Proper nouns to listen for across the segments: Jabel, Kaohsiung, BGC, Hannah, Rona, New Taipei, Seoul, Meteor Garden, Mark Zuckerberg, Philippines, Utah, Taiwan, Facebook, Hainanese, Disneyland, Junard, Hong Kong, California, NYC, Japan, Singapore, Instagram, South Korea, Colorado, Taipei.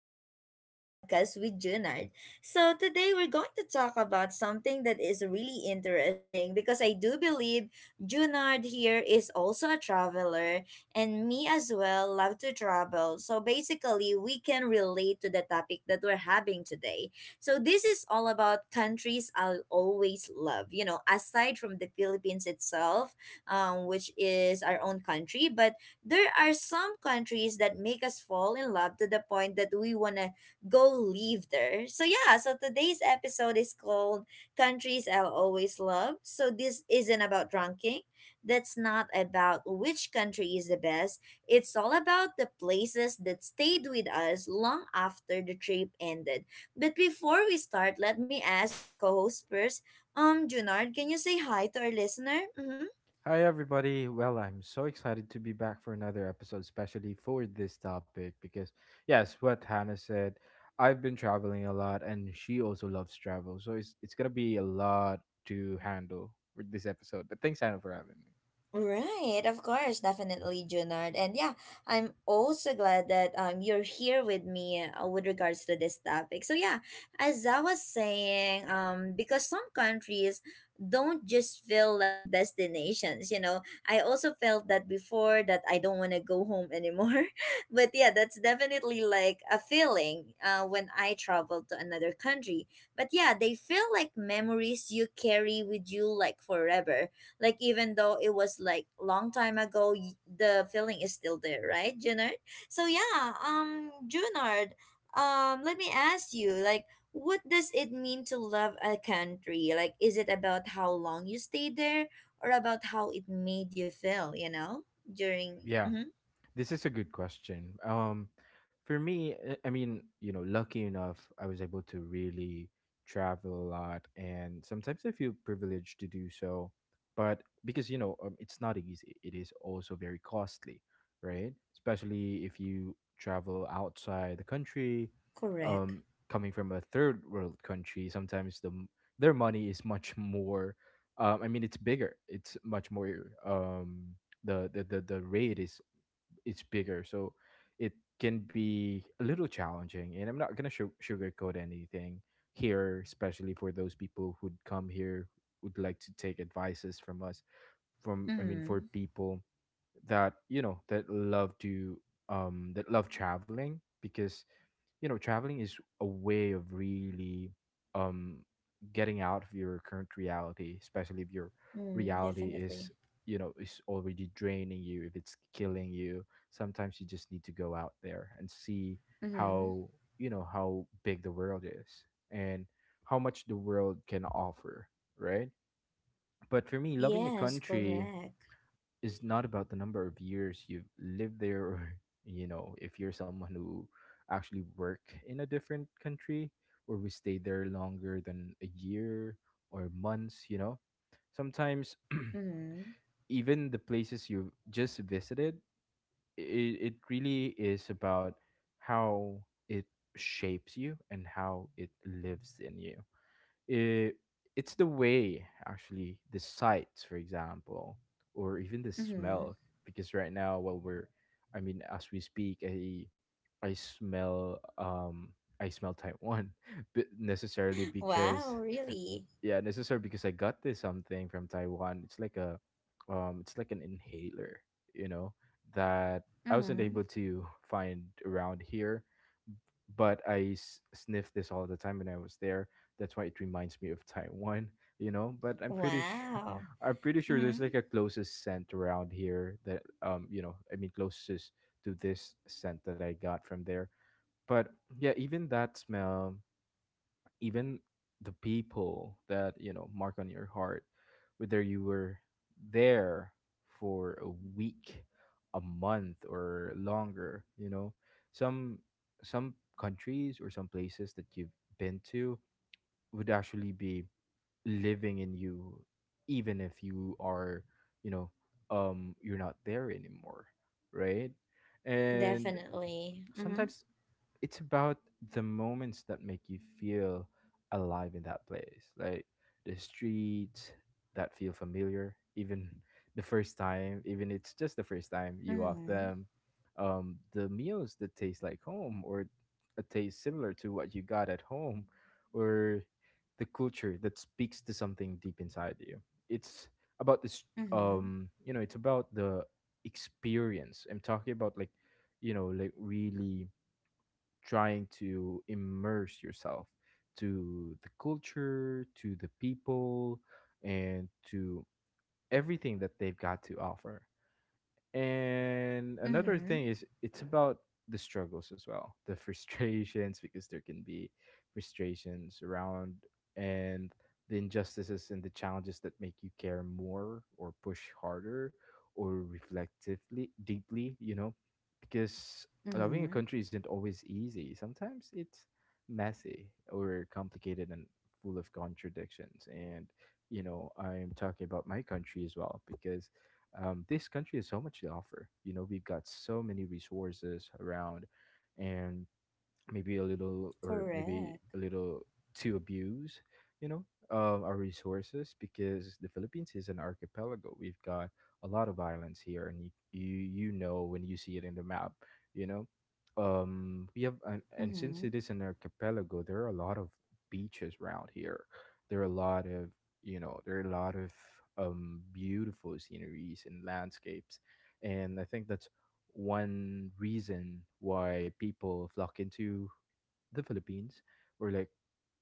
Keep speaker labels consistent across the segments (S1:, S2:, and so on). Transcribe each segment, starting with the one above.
S1: back to another podcast with Junard. So today we're going to talk about something that is really interesting because I do believe Junard here is also a traveler and me as well love to travel. So basically we can relate to the topic that we're having today. So this is all about countries I'll always love, aside from the Philippines itself, which is our own country, but there are some countries that make us fall in love to the point that we want to go live there. So today's episode is called Countries I'll Always Love. So, this isn't about ranking, that's not about which country is the best. It's all about the places that stayed with us long after the trip ended. But before we start, let me ask my co host first. Junard, can you say hi to our listener? Mm-hmm.
S2: Hi, everybody. Well, I'm so excited to be back for another episode, especially for this topic, because, yes, what Hannah said, I've been traveling a lot, and she also loves travel. So it's going to be a lot to handle with this episode. But thanks, Hannah, for having me.
S1: Right, of course, definitely, Junard. And yeah, I'm also glad that you're here with me with regards to this topic. So yeah, as I was saying, because some countries don't just feel like destinations. I also felt that before that I don't want to go home anymore. But yeah, that's definitely like a feeling when I travel to another country. But yeah, they feel like memories you carry with you like forever, like even though it was like long time ago, the feeling is still there, right, Junard? So yeah, Junard, let me ask you, like, what does it mean to love a country? Like, is it about how long you stayed there, or about how it made you feel? During.
S2: Yeah.
S1: Mm-hmm,
S2: This is a good question. For me, I mean, you know, lucky enough, I was able to really travel a lot, and sometimes I feel privileged to do so. But because you know, it's not easy. It is also very costly, right? Especially if you travel outside the country,
S1: correct.
S2: um, coming from a third world country. Sometimes the their money is much more. I mean, it's bigger. It's much more. The rate is it's bigger, so it can be a little challenging. And I'm not gonna sugarcoat anything here, especially for those people who'd come here would like to take advices from us. From I mean, for
S1: Mm,
S2: people that you know that love to that love traveling because you know, traveling is a way of really um getting out of your current reality, especially if your
S1: mm,
S2: reality
S1: definitely.
S2: is, you know, is already draining you, if it's killing you. Sometimes you just need to go out there and see
S1: Mm-hmm.
S2: how, you know, how big the world is and how much the world can offer, right? But for me, loving a
S1: Yes,
S2: country
S1: correct.
S2: is not about the number of years you've lived there, or you know, if you're someone who actually work in a different country or we stay there longer than a year or months, you know, sometimes
S1: Mm-hmm.
S2: even the places you've just visited, it really is about how it shapes you and how it lives in you. It, it's the way actually the sights, for example, or even the
S1: Mm-hmm.
S2: smell, because right now while we're, I mean, as we speak, I smell I smell Taiwan, but necessarily because
S1: Wow, really?
S2: yeah, necessarily because I got this something from Taiwan. It's like an inhaler, you know, that I wasn't
S1: Mm-hmm.
S2: able to find around here, but I sniffed this all the time when I was there. That's why it reminds me of Taiwan, you know. But I'm pretty sure,
S1: Wow.
S2: I'm pretty sure
S1: Mm-hmm.
S2: there's like a closest scent around here that, you know, I mean closest to this scent that I got from there. But yeah, even that smell, even the people that you know mark on your heart, whether you were there for a week, a month, or longer, you know, some some countries or some places that you've been to would actually be living in you, even if you are, you know, you're not there anymore, right? And
S1: Definitely. Mm-hmm.
S2: sometimes it's about the moments that make you feel alive in that place, like the streets that feel familiar even the first time, even it's just the first time you walk
S1: Mm-hmm.
S2: them. The meals that taste like home, or a taste similar to what you got at home, or the culture that speaks to something deep inside you. It's about this,
S1: Mm-hmm.
S2: you know, it's about the experience I'm talking about, like, you know, like really trying to immerse yourself to the culture, to the people, and to everything that they've got to offer. And another
S1: Mm-hmm.
S2: thing is, it's about the struggles as well, the frustrations, because there can be frustrations around, and the injustices and the challenges that make you care more or push harder or reflectively deeply, you know, because loving a
S1: Mm-hmm.
S2: country isn't always easy. Sometimes it's messy or complicated and full of contradictions, and you know, I'm talking about my country as well because this country has so much to offer. You know, we've got so many resources around, and maybe a little, or maybe
S1: Correct.
S2: a little to abuse, you know, our resources, because the Philippines is an archipelago. We've got a lot of islands here, and you know when you see it in the map, you know, we have, and since
S1: Mm-hmm.
S2: it is an archipelago, there are a lot of beaches around here. There are a lot of, you know, there are a lot of beautiful sceneries and landscapes, and I think that's one reason why people flock into the Philippines, or, like,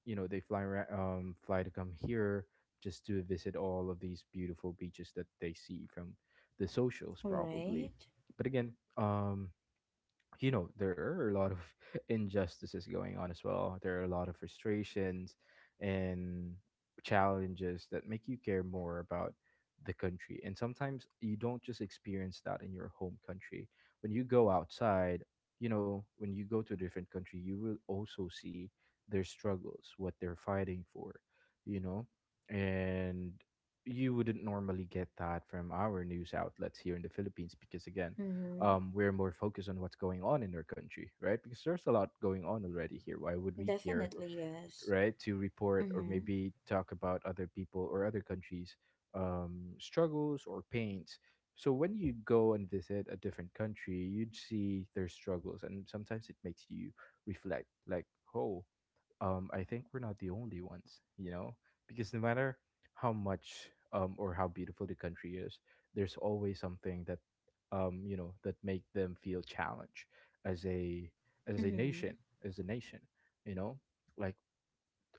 S2: you know, they fly to come here just to visit all of these beautiful beaches that they see from the socials,
S1: Right.
S2: probably. But again, um, you know, there are a lot of injustices going on as well. There are a lot of frustrations and challenges that make you care more about the country, and sometimes you don't just experience that in your home country. When you go outside, you know, when you go to a different country, you will also see their struggles, what they're fighting for, you know. And you wouldn't normally get that from our news outlets here in the Philippines, because again,
S1: Mm-hmm.
S2: we're more focused on what's going on in our country, right? Because there's a lot going on already here. Why would we care,
S1: Definitely yes.
S2: right, to report or
S1: Mm-hmm.
S2: maybe talk about other people or other countries' struggles or pains? So when you go and visit a different country, you'd see their struggles, and sometimes it makes you reflect, like, oh, I think we're not the only ones, you know, because no matter how much, or how beautiful the country is, there's always something that, you know, that make them feel challenged as a, as a
S1: Mm-hmm.
S2: nation, as a nation, you know, like,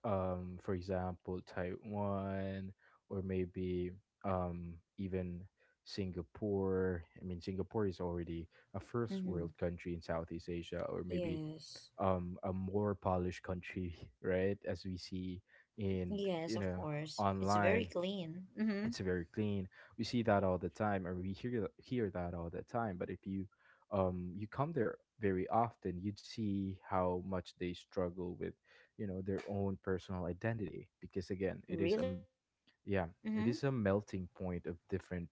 S2: for example, Taiwan, or maybe, even Singapore. I mean, Singapore is already a first
S1: Mm-hmm.
S2: world country in Southeast Asia, or maybe
S1: Yes.
S2: a more polished country, right, as we see in,
S1: Yes,
S2: you
S1: of
S2: know,
S1: course. It's very
S2: online.
S1: clean. Mm-hmm.
S2: It's very clean. We see that all the time, and we hear hear that all the time. But if you you come there very often, you'd see how much they struggle with, you know, their own personal identity, because again, it is a
S1: Really?
S2: yeah, it
S1: Mm-hmm.
S2: is a melting point of different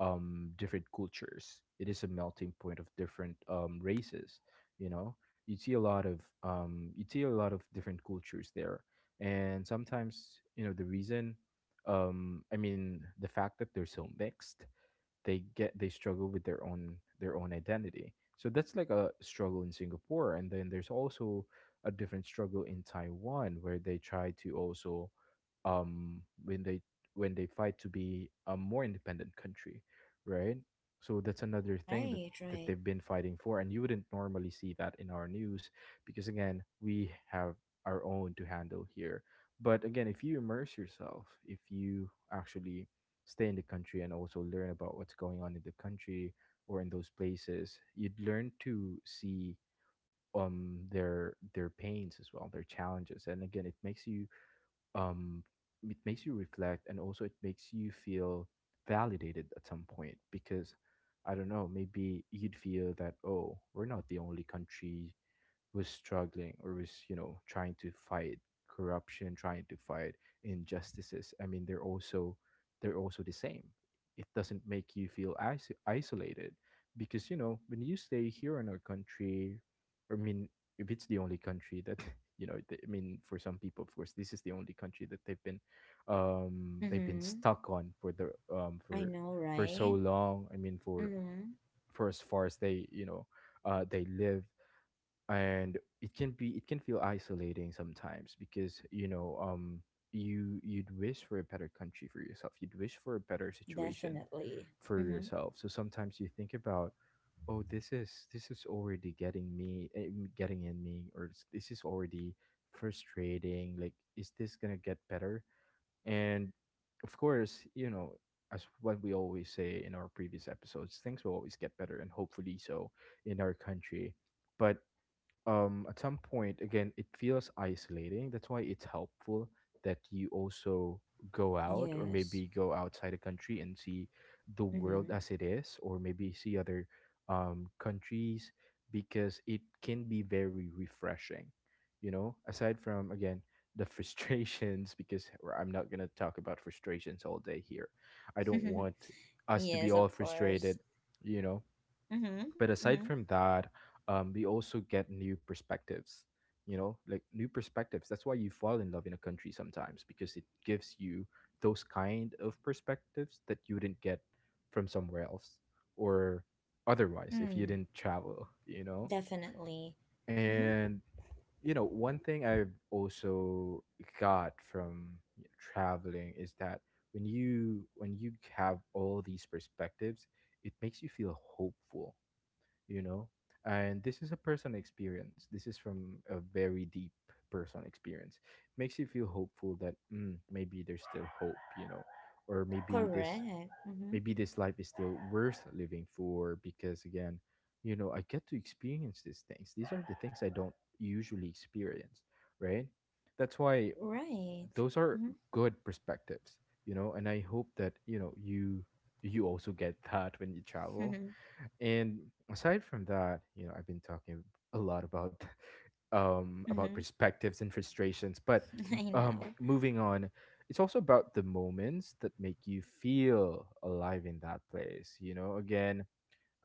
S2: different cultures. It is a melting point of different races, you know. You see a lot of you see a lot of different cultures there. And sometimes, you know, the reason, I mean, the fact that they're so mixed, they get they struggle with their own identity. So that's like a struggle in Singapore, and then there's also a different struggle in Taiwan, where they try to also, when they, when they fight to be a more independent country, right? So that's another thing that
S1: Right,
S2: that
S1: right.
S2: they've been fighting for, and you wouldn't normally see that in our news, because again, we have our own to handle here. But again, if you immerse yourself, if you actually stay in the country and also learn about what's going on in the country or in those places, you'd learn to see their pains as well, their challenges, and again um it makes you reflect, and also it makes you feel validated at some point, because I don't know, maybe you'd feel that, oh, we're not the only country was struggling, or was, you know, trying to fight corruption, trying to fight injustices. I mean, they're also the same. It doesn't make you feel isolated, because you know, when you stay here in our country, I mean, if it's the only country that you know I mean, for some people, of course, this is the only country that they've been
S1: Mm-hmm.
S2: stuck on for the
S1: I know,
S2: for
S1: right?
S2: so long. I mean,
S1: Mm-hmm.
S2: for as far as they, you know, they live, and it can be, it can feel isolating sometimes, because you know, you you'd wish for a better country for yourself, you'd wish for a better situation
S1: Definitely.
S2: for
S1: Mm-hmm.
S2: yourself. So sometimes you think about, oh, this is already getting me, getting in me, or this is already frustrating, like, is this gonna get better? And of course, you know, as what we always say in our previous episodes, things will always get better, and hopefully so in our country. But at some point again, it feels isolating. That's why it's helpful that you also go out, or
S1: Yes.
S2: maybe go outside the country and see the
S1: Mm-hmm.
S2: world as it is, or maybe see other countries, because it can be very refreshing, you know, aside from again the frustrations, because I'm not going to talk about frustrations all day here. I don't want us to
S1: yes,
S2: be
S1: of
S2: all
S1: course.
S2: frustrated, you know.
S1: Mm-hmm.
S2: But
S1: Mm-hmm.
S2: aside from that, we also get new perspectives. You know, like new perspectives. That's why you fall in love in a country sometimes because it gives you those kind of perspectives that you didn't get from somewhere else or otherwise if you
S1: Mm,
S2: didn't travel. You know,
S1: definitely. Mm-hmm.
S2: and you know one thing I've also got from traveling is that when you have all these perspectives, it makes you feel hopeful, you know. And this is a personal experience, this is from a very deep personal experience. Makes you feel hopeful that maybe there's still hope, you know, or
S1: Correct. Mm-hmm.
S2: maybe this life is still worth living for because again, you know, I get to experience these things. These are the things I don't usually experience, right? That's why
S1: Right.
S2: those are good perspectives, you know, and I hope that, you know, you also get that when you travel.
S1: Mm-hmm.
S2: And aside from that, you know, I've been talking a lot about about
S1: Mm-hmm.
S2: perspectives and frustrations, but
S1: I know.
S2: moving on, it's also about the moments that make you feel alive in that place, you know? Again,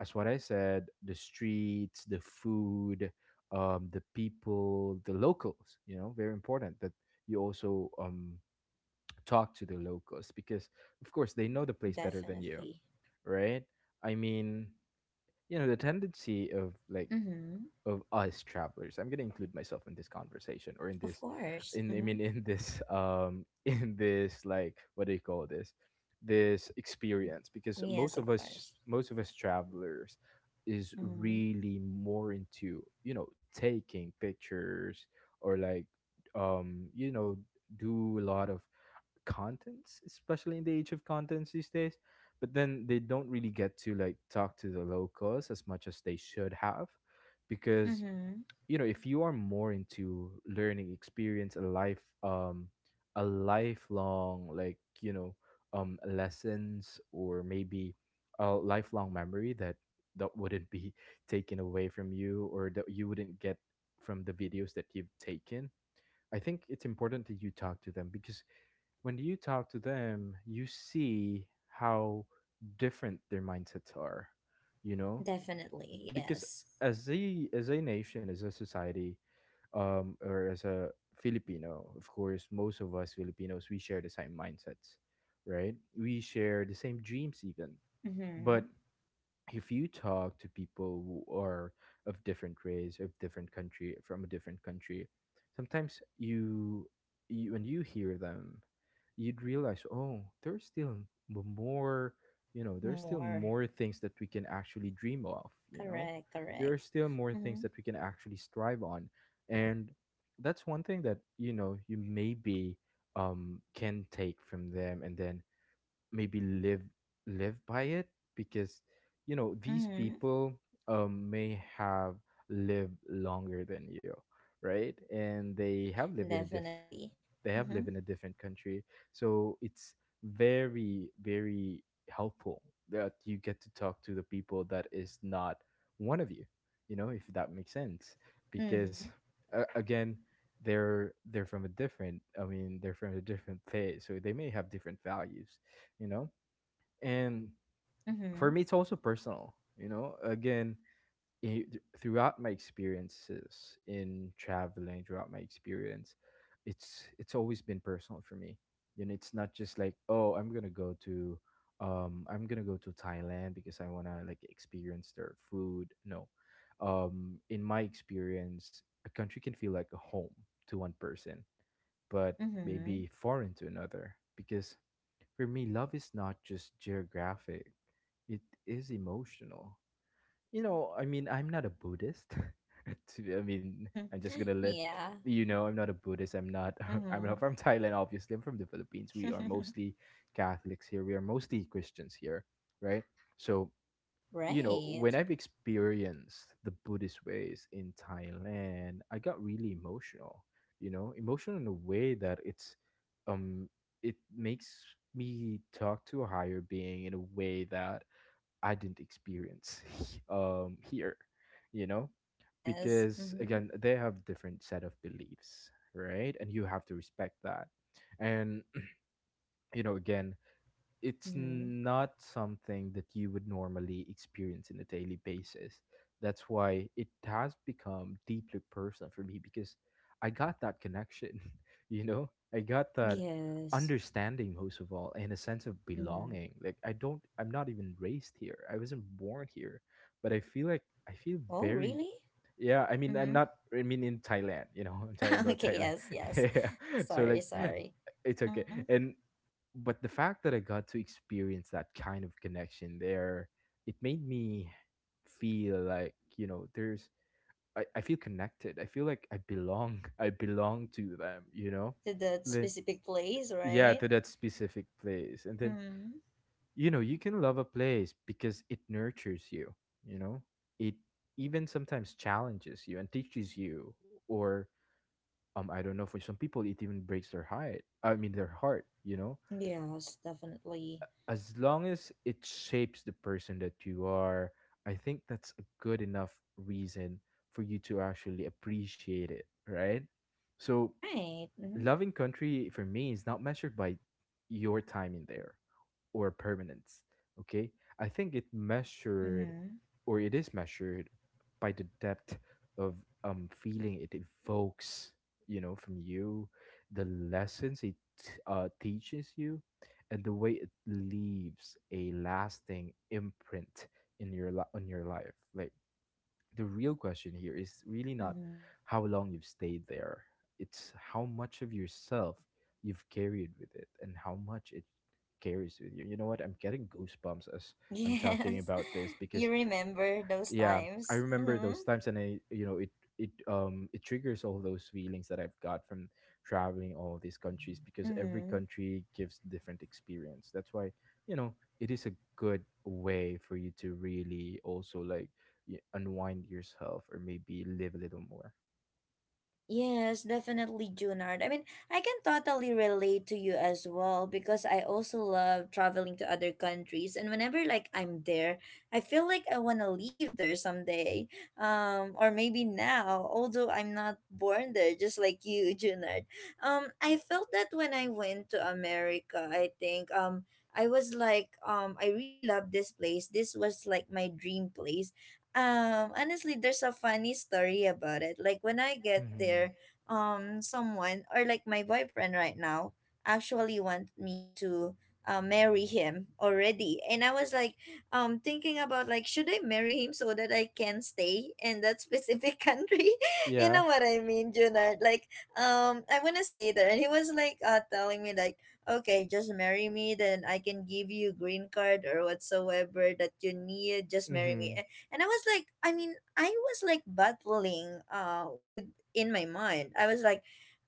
S2: as what I said, the streets, the food, the people, the locals. You know, very important that you also talk to the locals because, of course, they know the place better than you,
S1: Definitely.
S2: right? I mean, you know, the tendency of like
S1: Mm-hmm.
S2: of us travelers, I'm going to include myself in this conversation, or in this,
S1: Of course.
S2: in I mean
S1: Mm-hmm.
S2: in this in this like, what do you call this, this experience, because most
S1: Yes,
S2: of
S1: of
S2: us
S1: course.
S2: most of us travelers is
S1: Mm-hmm.
S2: really more into, you know, taking pictures or like, um you know do a lot of contents, especially in the age of contents these days. But then they don't really get to like talk to the locals as much as they should have because,
S1: Mm-hmm.
S2: you know, if you are more into learning experience a life, a lifelong, like, you know, lessons, or maybe a lifelong memory that that wouldn't be taken away from you, or that you wouldn't get from the videos that you've taken. I think it's important that you talk to them because when you talk to them, you see how different their mindsets are, you know.
S1: Definitely.
S2: Because
S1: Yes.
S2: as a nation, as a society, or as a Filipino, of course, most of us Filipinos, we share the same mindsets, right? We share the same dreams, even.
S1: Mm-hmm.
S2: But if you talk to people who are of different race, of different country, sometimes you, you when you hear them, you'd realize, oh, there's still more, you know, there's still
S1: More.
S2: more things that we can actually dream of, you know?
S1: Correct.
S2: There are
S1: Correct.
S2: still more things
S1: Mm-hmm.
S2: that we can actually strive on. And that's one thing that, you know, you maybe can take from them, and then maybe live by it, because, you know, these
S1: Mm-hmm.
S2: people may have lived longer than you, right? And
S1: Definitely.
S2: they have
S1: Mm-hmm.
S2: lived in a different country. So it's very, very helpful that you get to talk to the people that is not one of you, you know, if that makes sense. Because
S1: Mm-hmm.
S2: again, they're from a different, I mean, they're from a different place, so they may have different values, you know. And for
S1: Mm-hmm.
S2: me, it's also personal, you know. Again, i- throughout my experiences in traveling, it's always been personal for me. You know, it's not just like, oh, I'm gonna go to, Thailand, because I wanna like experience their food. No, in my experience, a country can feel like a home to one person, but
S1: Mm-hmm.
S2: maybe foreign to another. Because for me, love is not just geographic; it is emotional, you know. I mean, I'm not a Buddhist. to, I mean, I'm just gonna let
S1: yeah.
S2: you know, I'm not a Buddhist. I'm not. I'm
S1: Mm-hmm.
S2: not from Thailand. Obviously, I'm from the Philippines. We are mostly Catholics here. We are mostly Christians here, right? So you know,
S1: right.
S2: when I've experienced the Buddhist ways in Thailand, I got really emotional. You know, emotional in a way that it's, um, it makes me talk to a higher being in a way that I didn't experience here, you know,
S1: Yes.
S2: because
S1: Mm-hmm.
S2: again, they have different set of beliefs, right? And you have to respect that. And you know, again, it's
S1: Mm-hmm.
S2: not something that you would normally experience on a daily basis. That's why it has become deeply personal for me, because I got that connection, you know, I got that
S1: Yes.
S2: understanding most of all, and a sense of belonging.
S1: Mm-hmm.
S2: Like, I'm not even raised here. I wasn't born here, but I feel like I feel
S1: Oh,
S2: very,
S1: really?
S2: yeah, I mean, I'm
S1: Mm-hmm.
S2: not. I mean, in Thailand, you know, I'm talking about
S1: okay,
S2: Thailand.
S1: yes, yes.
S2: Yeah, so
S1: Sorry,
S2: like,
S1: sorry.
S2: it's okay.
S1: Mm-hmm.
S2: And but the fact that I got to experience that kind of connection there, it made me feel like, you know, there's. I feel connected. I feel like I belong. I belong to them. You know,
S1: To that
S2: the
S1: specific place,
S2: yeah, to
S1: right?
S2: that specific place, and then,
S1: Mm-hmm.
S2: you know, you can love a place because it nurtures you, you know. It even sometimes challenges you and teaches you, or, I don't know, for some people it even breaks their heart, I mean their heart, you know.
S1: Yes, definitely.
S2: As long as it shapes the person that you are, I think that's a good enough reason for you to actually appreciate it, right? So
S1: Right. Mm-hmm.
S2: loving country for me is not measured by your time in there, or permanence. Okay, I think it measured,
S1: Mm-hmm.
S2: or it is measured, by the depth of feeling it evokes, you know, from you, the lessons it teaches you, and the way it leaves a lasting imprint in your on your life. Like the real question here is really not
S1: Mm-hmm.
S2: how long you've stayed there. It's how much of yourself you've carried with it, and how much it carries with you. You know what? I'm getting goosebumps as I'm talking
S1: Yes.
S2: about this because,
S1: You remember those
S2: yeah, I
S1: times?
S2: remember
S1: Mm-hmm.
S2: those times, and I, you know, it, it triggers all those feelings that I've got from traveling all these countries, because every
S1: Mm-hmm.
S2: country gives different experience. That's why, you know, it is a good way for you to really also like unwind yourself, or maybe live a little more.
S1: Yes, definitely, Junard. I mean, I can totally relate to you as well because I also love traveling to other countries, and whenever like I'm there, I feel like I wanna live there someday, or maybe now. Although I'm not born there, just like you, Junard. I felt that when I went to America. I was like, I really love this place. This was like my dream place. Honestly, there's a funny story about it. Like when I get
S2: Like. Mm-hmm.
S1: there, someone or like my boyfriend right now actually want me to marry him already, and I was like, thinking about like should I marry him so that I can stay in that specific country? you
S2: Yeah.
S1: know what I mean, Junard? Like, I wanna stay there, and he was like, telling me like. Okay, just marry me, then I can give you green card or whatsoever that you need. Just marry me,
S2: Mm-hmm.
S1: and I was like, I mean, I was like battling with in my mind. I was like,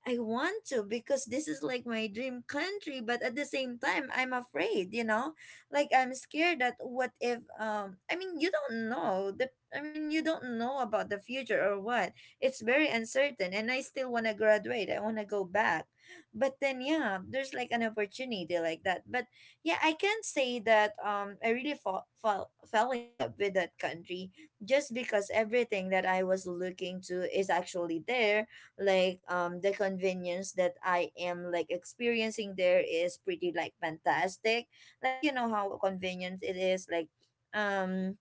S1: I want to because this is like my dream country, but at the same time I'm afraid, you know, like I'm scared that what if I mean you don't know about the future or what. It's very uncertain and I still want to graduate, I want to go back, but then yeah, there's like an opportunity like that. But yeah, I can say that I really fell in love with that country just because everything that I was looking to is actually there. Like the convenience that I am like experiencing there is pretty like fantastic. Like you know how convenient it is, like um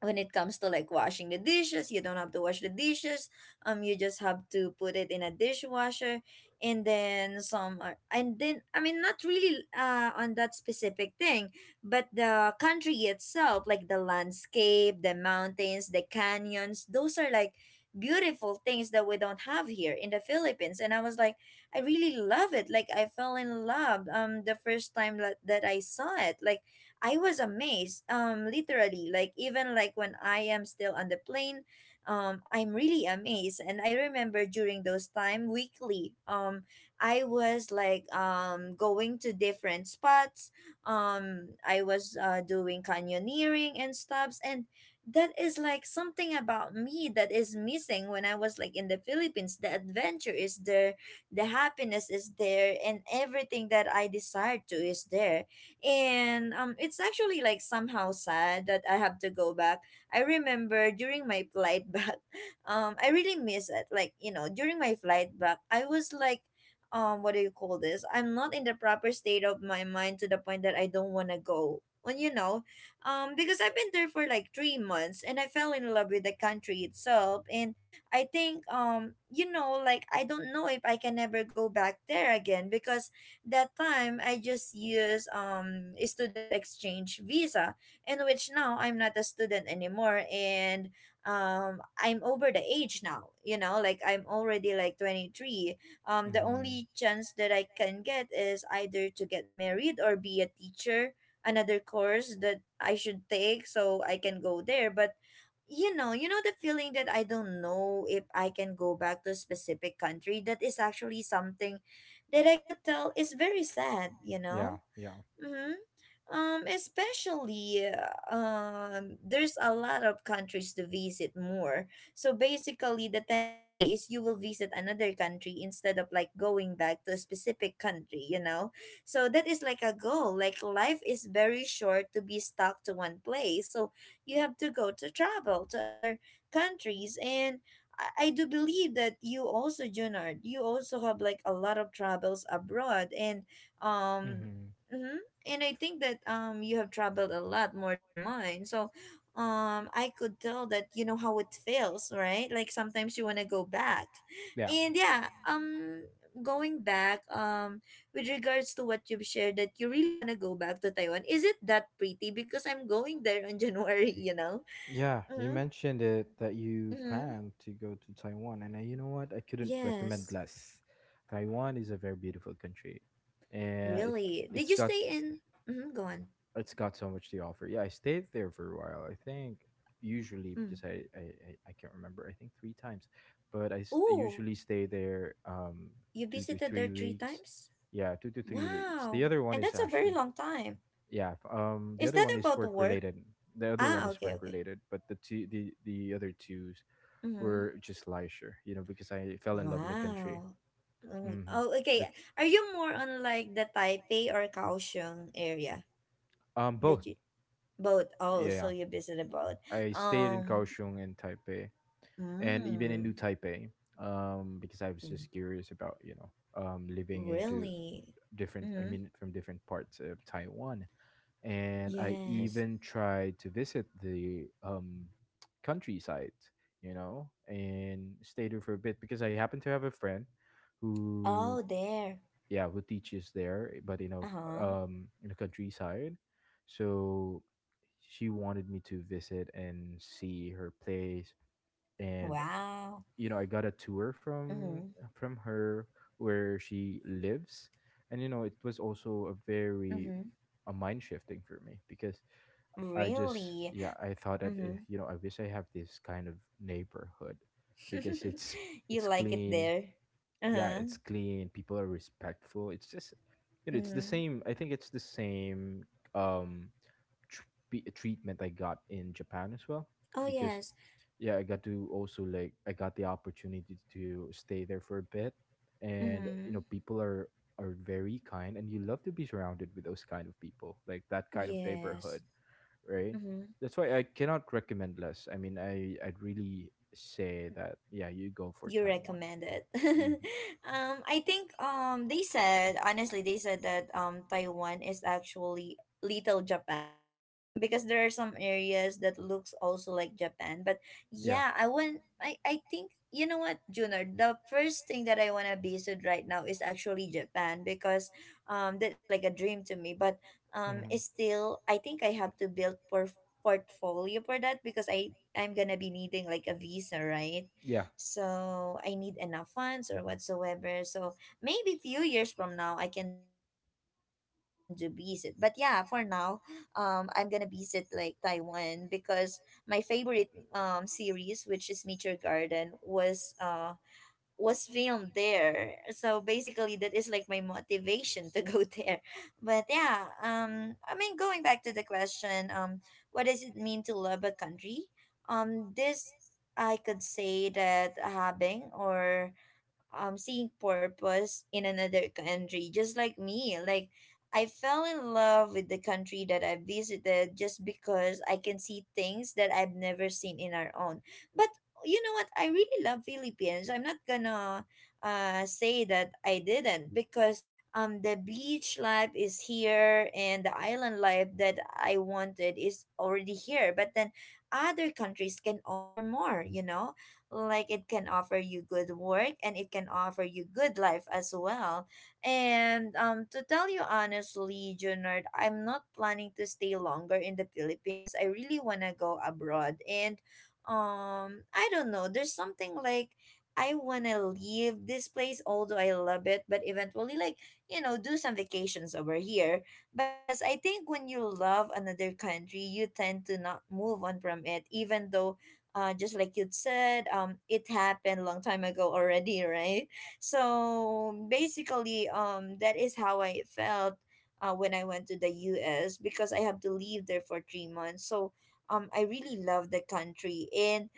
S1: when it comes to like washing the dishes, you don't have to wash the dishes, you just have to put it in a dishwasher. And then some are, and then I mean not really on that specific thing, but the country itself, like the landscape, the mountains, the canyons, those are like beautiful things that we don't have here in the Philippines. And I was like, I really love it, like I fell in love the first time that I saw it. Like I was amazed. Literally, like even like when I am still on the plane, I'm really amazed. And I remember during those time weekly, I was like going to different spots. I was doing canyoneering and stuffs, and that is like something about me that is missing when I was like in the Philippines. The adventure is there, the happiness is there, and everything that I desire to is there. And it's actually like somehow sad that I have to go back. I remember during my flight back, I really miss it. Like you know during my flight back I was like, what do you call this, I'm not in the proper state of my mind to the point that I don't want to go. And you know, because I've been there for like 3 months, and I fell in love with the country itself. And I think, you know, like I don't know if I can ever go back there again, because that time I just used a student exchange visa, in which now I'm not a student anymore. And I'm over the age now, you know, like I'm already like 23. The
S2: Mm-hmm.
S1: only chance that I can get is either to get married or be a teacher, another course that I should take so I can go there. But you know the feeling that I don't know if I can go back to a specific country. That is actually something that I could tell is very sad, you know?
S2: Yeah. Yeah.
S1: Mm-hmm. Especially, there's a lot of countries to visit more. So basically, the tendency is you will visit another country instead of like going back to a specific country, you know? So that is like a goal. Like, life is very short to be stuck to one place. So you have to go to travel to other countries. And I do believe that you also, Junard, you also have like a lot of travels abroad. And, um,
S2: Mm-hmm.
S1: mhm and I think that you have traveled a lot more than mine. So I could tell that you know how it feels, right? Like sometimes you wanna go back.
S2: Yeah.
S1: And yeah, going back, with regards to what you've shared that you really wanna go back to Taiwan, is it that pretty? Because I'm going there in January, you know?
S2: Yeah. You
S1: Mm-hmm.
S2: mentioned it that you
S1: Mm-hmm.
S2: plan to go to Taiwan, and you know what? I couldn't recommend
S1: Yes.
S2: less. Taiwan is a very beautiful country, and
S1: Really. Did
S2: it's
S1: you
S2: got
S1: stay in mm-hmm, go on.
S2: it's got so much to offer. Yeah, I stayed there for a while. I think usually
S1: Mm.
S2: because I can't remember. I think 3 times, but I
S1: Oh,
S2: usually stay there
S1: you
S2: two to
S1: visited
S2: three
S1: there three
S2: weeks.
S1: times?
S2: Yeah, 2 to 3 weeks. The
S1: Wow.
S2: other one
S1: And
S2: is
S1: that's a very
S2: actually,
S1: long time.
S2: yeah. The
S1: Is
S2: other
S1: that
S2: one is
S1: about
S2: work
S1: work?
S2: related. The other one
S1: Ah,
S2: is
S1: okay,
S2: work
S1: okay.
S2: related, but the other two
S1: Mm-hmm.
S2: were just leisure. You know, because I fell in love in the country.
S1: Wow. Mm,
S2: Mm-hmm.
S1: Oh, okay.
S2: That's
S1: Are you more on like the Taipei or Kaohsiung area?
S2: um, both.
S1: Did you both? Oh, so
S2: Yeah,
S1: you visited both.
S2: I stayed in
S1: Um,
S2: Kaohsiung and Taipei. And even
S1: mm,
S2: in New Taipei, because I was
S1: w-
S2: just curious about, you know, living into
S1: really?
S2: different, I
S1: Mm-hmm.
S2: mean, from different parts of Taiwan, and I
S1: Yes.
S2: even tried to visit the countryside, you know, and stay there for a bit because I happen to have a friend who,
S1: Oh, there.
S2: yeah, who teaches there, but you know,
S1: Uh-huh.
S2: in the countryside, so she wanted me to visit and see her place. And
S1: Wow.
S2: you know, I got a tour
S1: Mm-hmm.
S2: from her where she lives, and you know, it was also a very
S1: Mm-hmm.
S2: a mind shifting for me because I just,
S1: Really?
S2: yeah, I thought that,
S1: Mm-hmm.
S2: eh, you know, I wish I have this kind of neighborhood because
S1: you
S2: it's
S1: like it
S2: clean,
S1: there?
S2: yeah,
S1: Uh-huh.
S2: it's clean. People are respectful. It's just, you know, it's the
S1: Mm-hmm.
S2: same. I think it's the same um treatment I got in Japan as well,
S1: Oh,
S2: because,
S1: yes.
S2: yeah, I got to also like, I got the opportunity to stay there for a bit, and you know
S1: Mm-hmm.
S2: people are very kind, and you love to be surrounded with those kind of people, like that kind of neighborhood,
S1: Yes.
S2: right?
S1: Mm-hmm.
S2: That's why I cannot recommend less. I mean, I'd really say that, yeah, you go for
S1: you
S2: Taiwan.
S1: recommend it
S2: Hmm.
S1: I think they said honestly, they said that Taiwan is actually little Japan, because there are some areas that looks also like Japan. But
S2: Yeah.
S1: yeah, I want I think, you know what, Junior, the first thing that I want to visit right now is actually Japan, because that is like a dream to me. But
S2: Hmm.
S1: it's still, I think I have to build porf portfolio for that, because I'm gonna be needing like a visa, right?
S2: Yeah.
S1: So I need enough funds or whatsoever. So maybe few years from now I can do visit. But yeah, for now, I'm gonna visit like Taiwan because my favorite series, which is Meteor Garden, was filmed there. So basically that is like my motivation to go there. But yeah, I mean going back to the question, what does it mean to love a country? This I could say that having or seeing purpose in another country, just like me, like I fell in love with the country that I visited just because I can see things that I've never seen in our own. But, you know what, I really love Philippines. I'm not gonna say that I didn't, because the beach life is here and the island life that I wanted is already here. But then other countries can offer more, you know, like it can offer you good work and it can offer you good life as well. And to tell you honestly, Junard, I'm not planning to stay longer in the Philippines. I really want to go abroad, and I don't know, there's something like I want to leave this place, although I love it. But eventually, like, you know, do some vacations over here. But yes, I think when you love another country, you tend to not move on from it, even though just like you said, it happened a long time ago already, right? So basically, that is how I felt when I went to the U.S. because I have to live there for 3 months. So I really love the country, and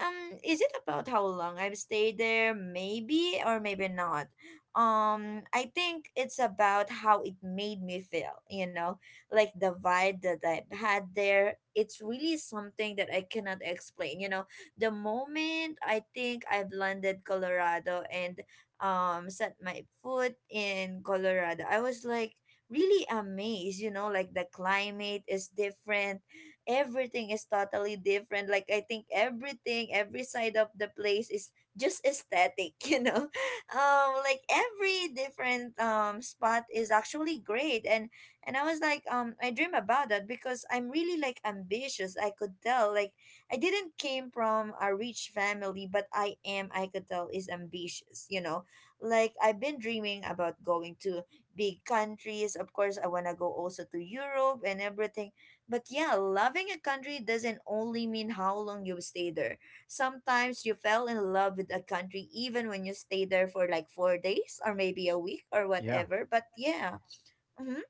S1: is it about how long I've stayed there? Maybe or maybe not. I think it's about how it made me feel, you know, like the vibe that I've had there. It's really something that I cannot explain, you know. The moment I think I've landed Colorado and set my foot in Colorado, I was like really amazed, you know, like the climate is different. Everything is totally different. Like I think everything, every side of the place is just aesthetic, you know. Like every different spot is actually great, and I was like, I dream about that because I'm really like ambitious. I could tell, like I didn't came from a rich family, but I am, I could tell, is ambitious. You know, like I've been dreaming about going to big countries. Of course, I wanna go also to Europe and everything. But yeah, loving a country doesn't only mean how long you stay there. Sometimes you fell in love with a country even when you stay there for like 4 days or maybe a week or
S2: Yeah.
S1: whatever. But yeah, hmm,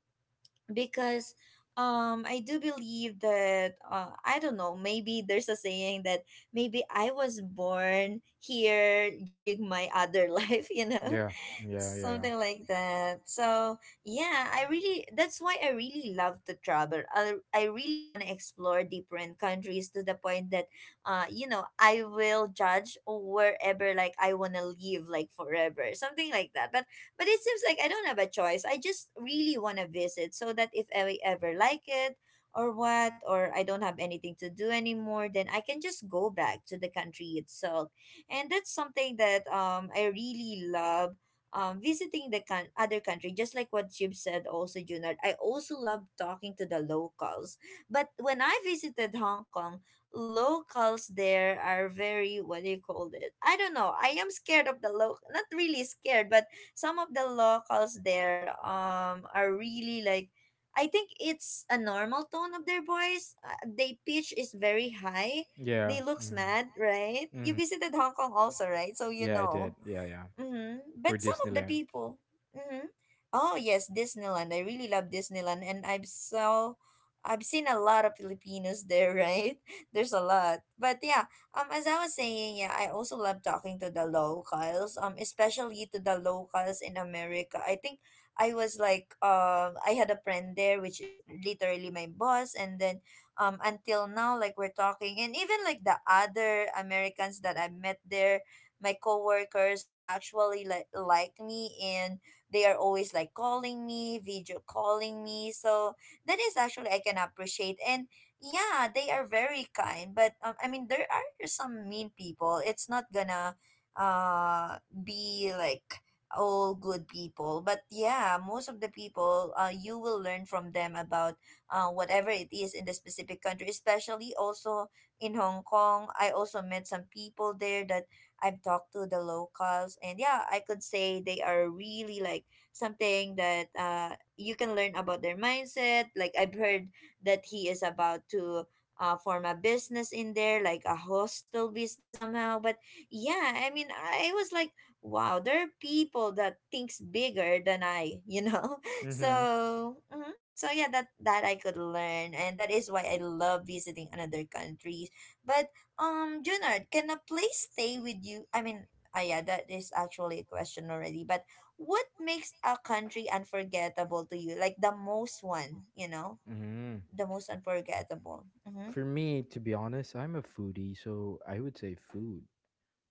S1: because I do believe that I don't know. Maybe there's a saying that maybe I was born here during my other life. You know,
S2: Yeah. Yeah. Yeah.
S1: something like that. So yeah, I really, that's why I really love to travel. I really want to explore different countries to the point that you know I will judge wherever, like I want to live like forever, something like that. But it seems like I don't have a choice. I just really want to visit so that if I ever like it or what, or I don't have anything to do anymore, then I can just go back to the country itself. And that's something that I really love, visiting the con other country. Just like what you've said also, Junard, I also love talking to the locals. But when I visited Hong Kong, locals there are very, what do you call it? I don't know. I am scared of the local, not really scared, but some of the locals there are really like, I think it's a normal tone of their voice. They pitch is very high.
S2: Yeah.
S1: They looks
S2: Mm.
S1: mad, right? You
S2: Hmm.
S1: visited Hong Kong also, right? So you
S2: Yeah, I did.
S1: know.
S2: Yeah, yeah.
S1: Mm-hmm.
S2: For
S1: But some of the
S2: Disneyland.
S1: people. Mm-hmm. Oh yes, Disneyland. I really love Disneyland, and I've seen a lot of Filipinos there. Right? There's a lot. But yeah, as I was saying, yeah, I also love talking to the locals. Especially to the locals in America. I think I was like, I had a friend there, which is literally my boss, and then, until now, like we're talking, and even like the other Americans that I met there, my coworkers, are actually like me, and they are always like calling me, video calling me. So that is actually I can appreciate. And yeah, they are very kind, but I mean there are some mean people. It's not gonna be like all good people, but yeah, most of the people, you will learn from them about whatever it is in the specific country, especially also in Hong Kong. I also met some people there that I've talked to the locals, and yeah, I could say they are really like something that you can learn about their mindset. Like I've heard that he is about to form a business in there, like a hostel business somehow. But yeah, I mean, I was like, wow, there are people that thinks bigger than I, you know.
S2: Mm-hmm.
S1: So. Mhm. So yeah, that I could learn, and that is why I love visiting another country. But Junard, can a place stay with you? I mean, ah, yeah, that is actually a question already. But what makes a country unforgettable to you? Like the most one, you know,
S2: Hmm.
S1: the most unforgettable. Mm-hmm.
S2: For me, to be honest, I'm a foodie, so I would say food,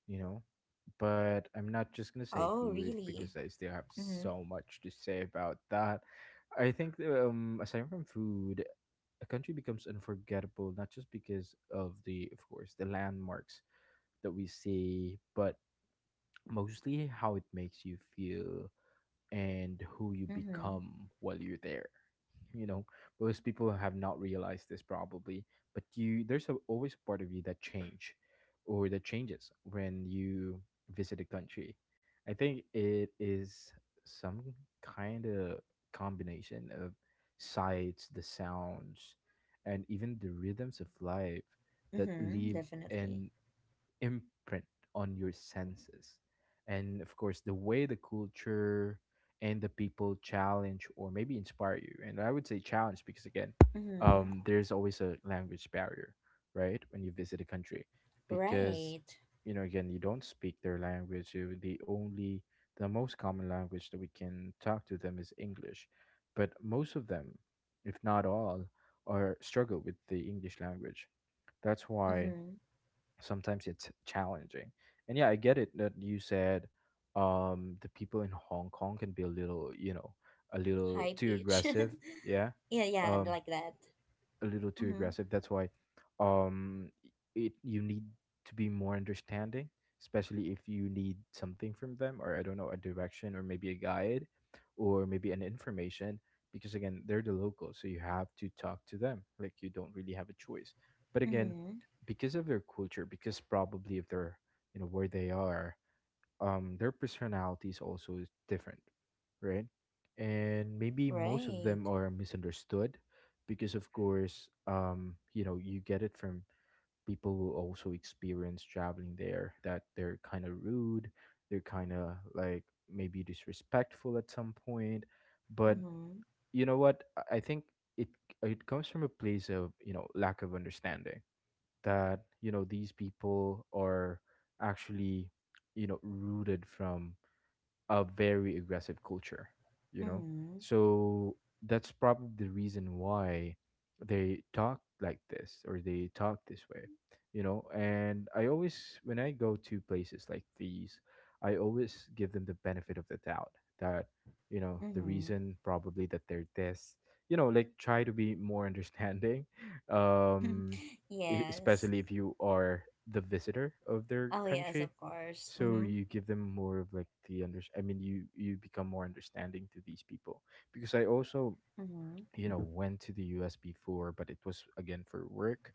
S2: you know? But I'm not just gonna say
S1: Oh,
S2: food
S1: really?
S2: because I still have
S1: Mm-hmm.
S2: so much to say about that. I think aside from food, a country becomes unforgettable not just because of the of course the landmarks that we see, but mostly how it makes you feel and who you
S1: Mm-hmm.
S2: become while you're there. You know, most people have not realized this probably, but you there's always a part of you that change or that changes when you visit a country. I think it is some kind of combination of sights, the sounds, and even the rhythms of life that
S1: Mm-hmm.
S2: leave
S1: Definitely.
S2: an imprint on your senses. And of course, the way the culture and the people challenge or maybe inspire you. And I would say challenge because, again,
S1: Mm-hmm.
S2: there's always a language barrier, right? When you visit a country, because,
S1: Right.
S2: you know, again, you don't speak their language. The most common language that we can talk to them is English. But most of them, if not all, are struggle with the English language. That's why
S1: Mm-hmm.
S2: sometimes it's challenging. And yeah, I get it that you said the people in Hong Kong can be a little, you know, a little
S1: High
S2: too
S1: pitch.
S2: aggressive, yeah.
S1: Yeah, yeah,
S2: Um
S1: like that.
S2: a little too
S1: Mm-hmm.
S2: aggressive. That's why um it you need to be more understanding, especially if you need something from them, or I don't know, a direction or maybe a guide or maybe an information, because again, they're the locals, so you have to talk to them. Like you don't really have a choice. But again,
S1: Mm-hmm.
S2: because of their culture, because probably if they're, you know, where they are, their personalities also is also different, right? And maybe most of
S1: Right.
S2: them are misunderstood, because of course, you know, you get it from people who also experience traveling there, that they're kind of rude, they're kind of like maybe disrespectful at some point. But
S1: Mm-hmm.
S2: you know what I think it it comes from a place of, you know, lack of understanding, that, you know, these people are actually, you know, rooted from a very aggressive culture, you know?
S1: Mm-hmm.
S2: So that's probably the reason why they talk like this, or they talk this way, you know? And I always, when I go to places like these, I always give them the benefit of the doubt that, you know, the
S1: Mm-hmm.
S2: reason probably that they're this, you know, like try to be more understanding, um,
S1: Yes.
S2: especially if you are the visitor of their
S1: Oh yes,
S2: country.
S1: of course.
S2: So
S1: Mm-hmm.
S2: you give them more of like the under. I mean, you become more understanding to these people, because I also,
S1: Mm-hmm.
S2: you know, went to the U.S. before, but it was again for work.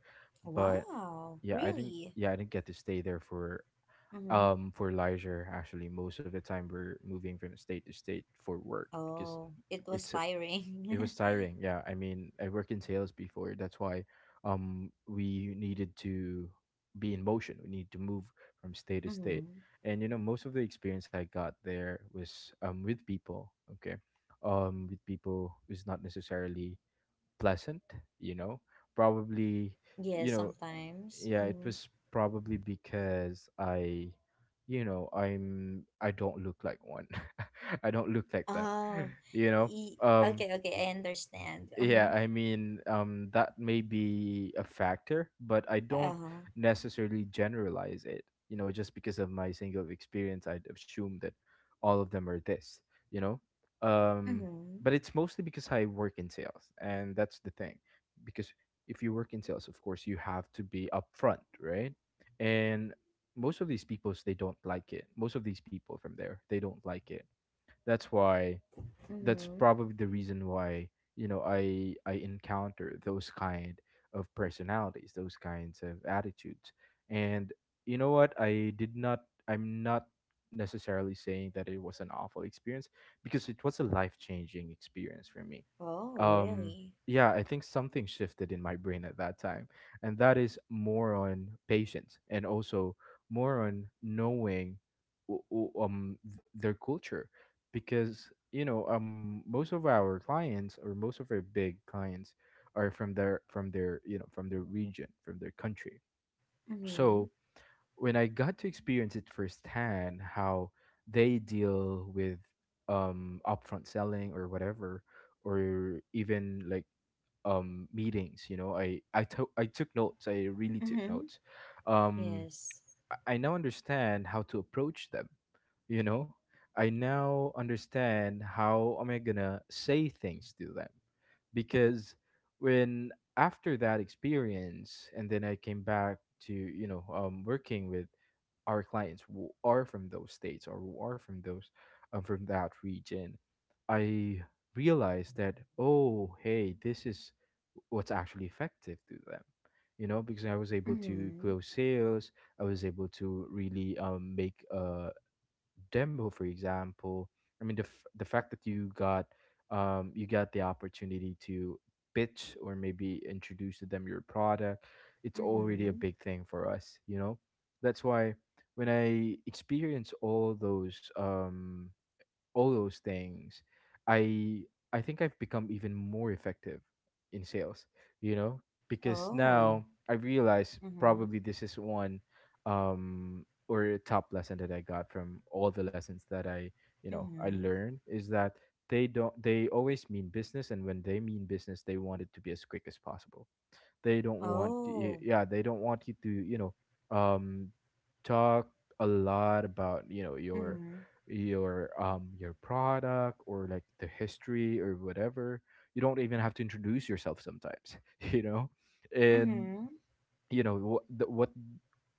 S2: But
S1: Wow,
S2: yeah, I didn't.
S1: really?
S2: Yeah, I didn't get to stay there
S1: Mm-hmm.
S2: for leisure. Actually most of the time we're moving from state to state for work, because
S1: Oh, it was
S2: it's it
S1: tiring.
S2: was tiring. Yeah, I mean, I worked in sales before, that's why we needed to be in motion, we need to move from state to
S1: mm-hmm.
S2: state. And you know, most of the experience I got there was with people, okay, with people who's not necessarily pleasant, you know. Probably,
S1: Yes,
S2: you know,
S1: sometimes.
S2: yeah, it
S1: Mm-hmm.
S2: was probably because you know, I don't look like one. I don't look like them.
S1: Oh,
S2: You know. Um
S1: okay, okay, I understand. Mm-hmm.
S2: yeah, I mean, that may be a factor, but I don't
S1: Uh-huh.
S2: necessarily generalize it. You know, just because of my single experience, I'd assume that all of them are this, you know. Um
S1: Mm-hmm.
S2: but it's mostly because I work in sales, and that's the thing. Because if you work in sales, of course, you have to be upfront, right? And most of these peoples they don't like it. Most of these people from there, they don't like it. That's why, that's
S1: Mm-hmm.
S2: probably the reason why you know, I encounter those kind of personalities, those kinds of attitudes. And you know what, I'm not necessarily saying that it was an awful experience, because it was a life changing experience for me.
S1: Oh,
S2: um
S1: really?
S2: yeah, I think something shifted in my brain at that time, and that is more on patience, and also more on knowing their culture. Because you know, most of our clients, or most of our big clients, are from their you know, from their region, from their country.
S1: Mm-hmm.
S2: So when I got to experience it firsthand how they deal with upfront selling or whatever, or even like meetings, you know, I took notes, I really took
S1: Mm-hmm.
S2: notes. um
S1: Yes.
S2: I now understand how to approach them, you know, I now understand how am I gonna say things to them. Because when after that experience and then I came back to, you know, working with our clients who are from those states, or who are from those from that region, I realized that, oh, hey, this is what's actually effective to them, you know, because I was able to
S1: Mm-hmm.
S2: close sales. I was able to really, make a demo, for example. I mean, the fact that you got, you got the opportunity to pitch or maybe introduce to them your product, it's already a
S1: Mm-hmm.
S2: big thing for us, you know. That's why when I experience all those, all those things, I I think I've become even more effective in sales, you know, because now
S1: Oh.
S2: I realize
S1: Mm-hmm.
S2: probably this is one, or a top lesson that I got from all the lessons that you know, I
S1: Mm-hmm.
S2: learned is that they don't they always mean business, and when they mean business, they want it to be as quick as possible. They don't want
S1: Oh.
S2: yeah, they don't want you to, you know, um talk a lot about, you know,
S1: Mm-hmm.
S2: your product, or like the history or whatever. You don't even have to introduce yourself sometimes, you know? And
S1: Mm-hmm.
S2: you know what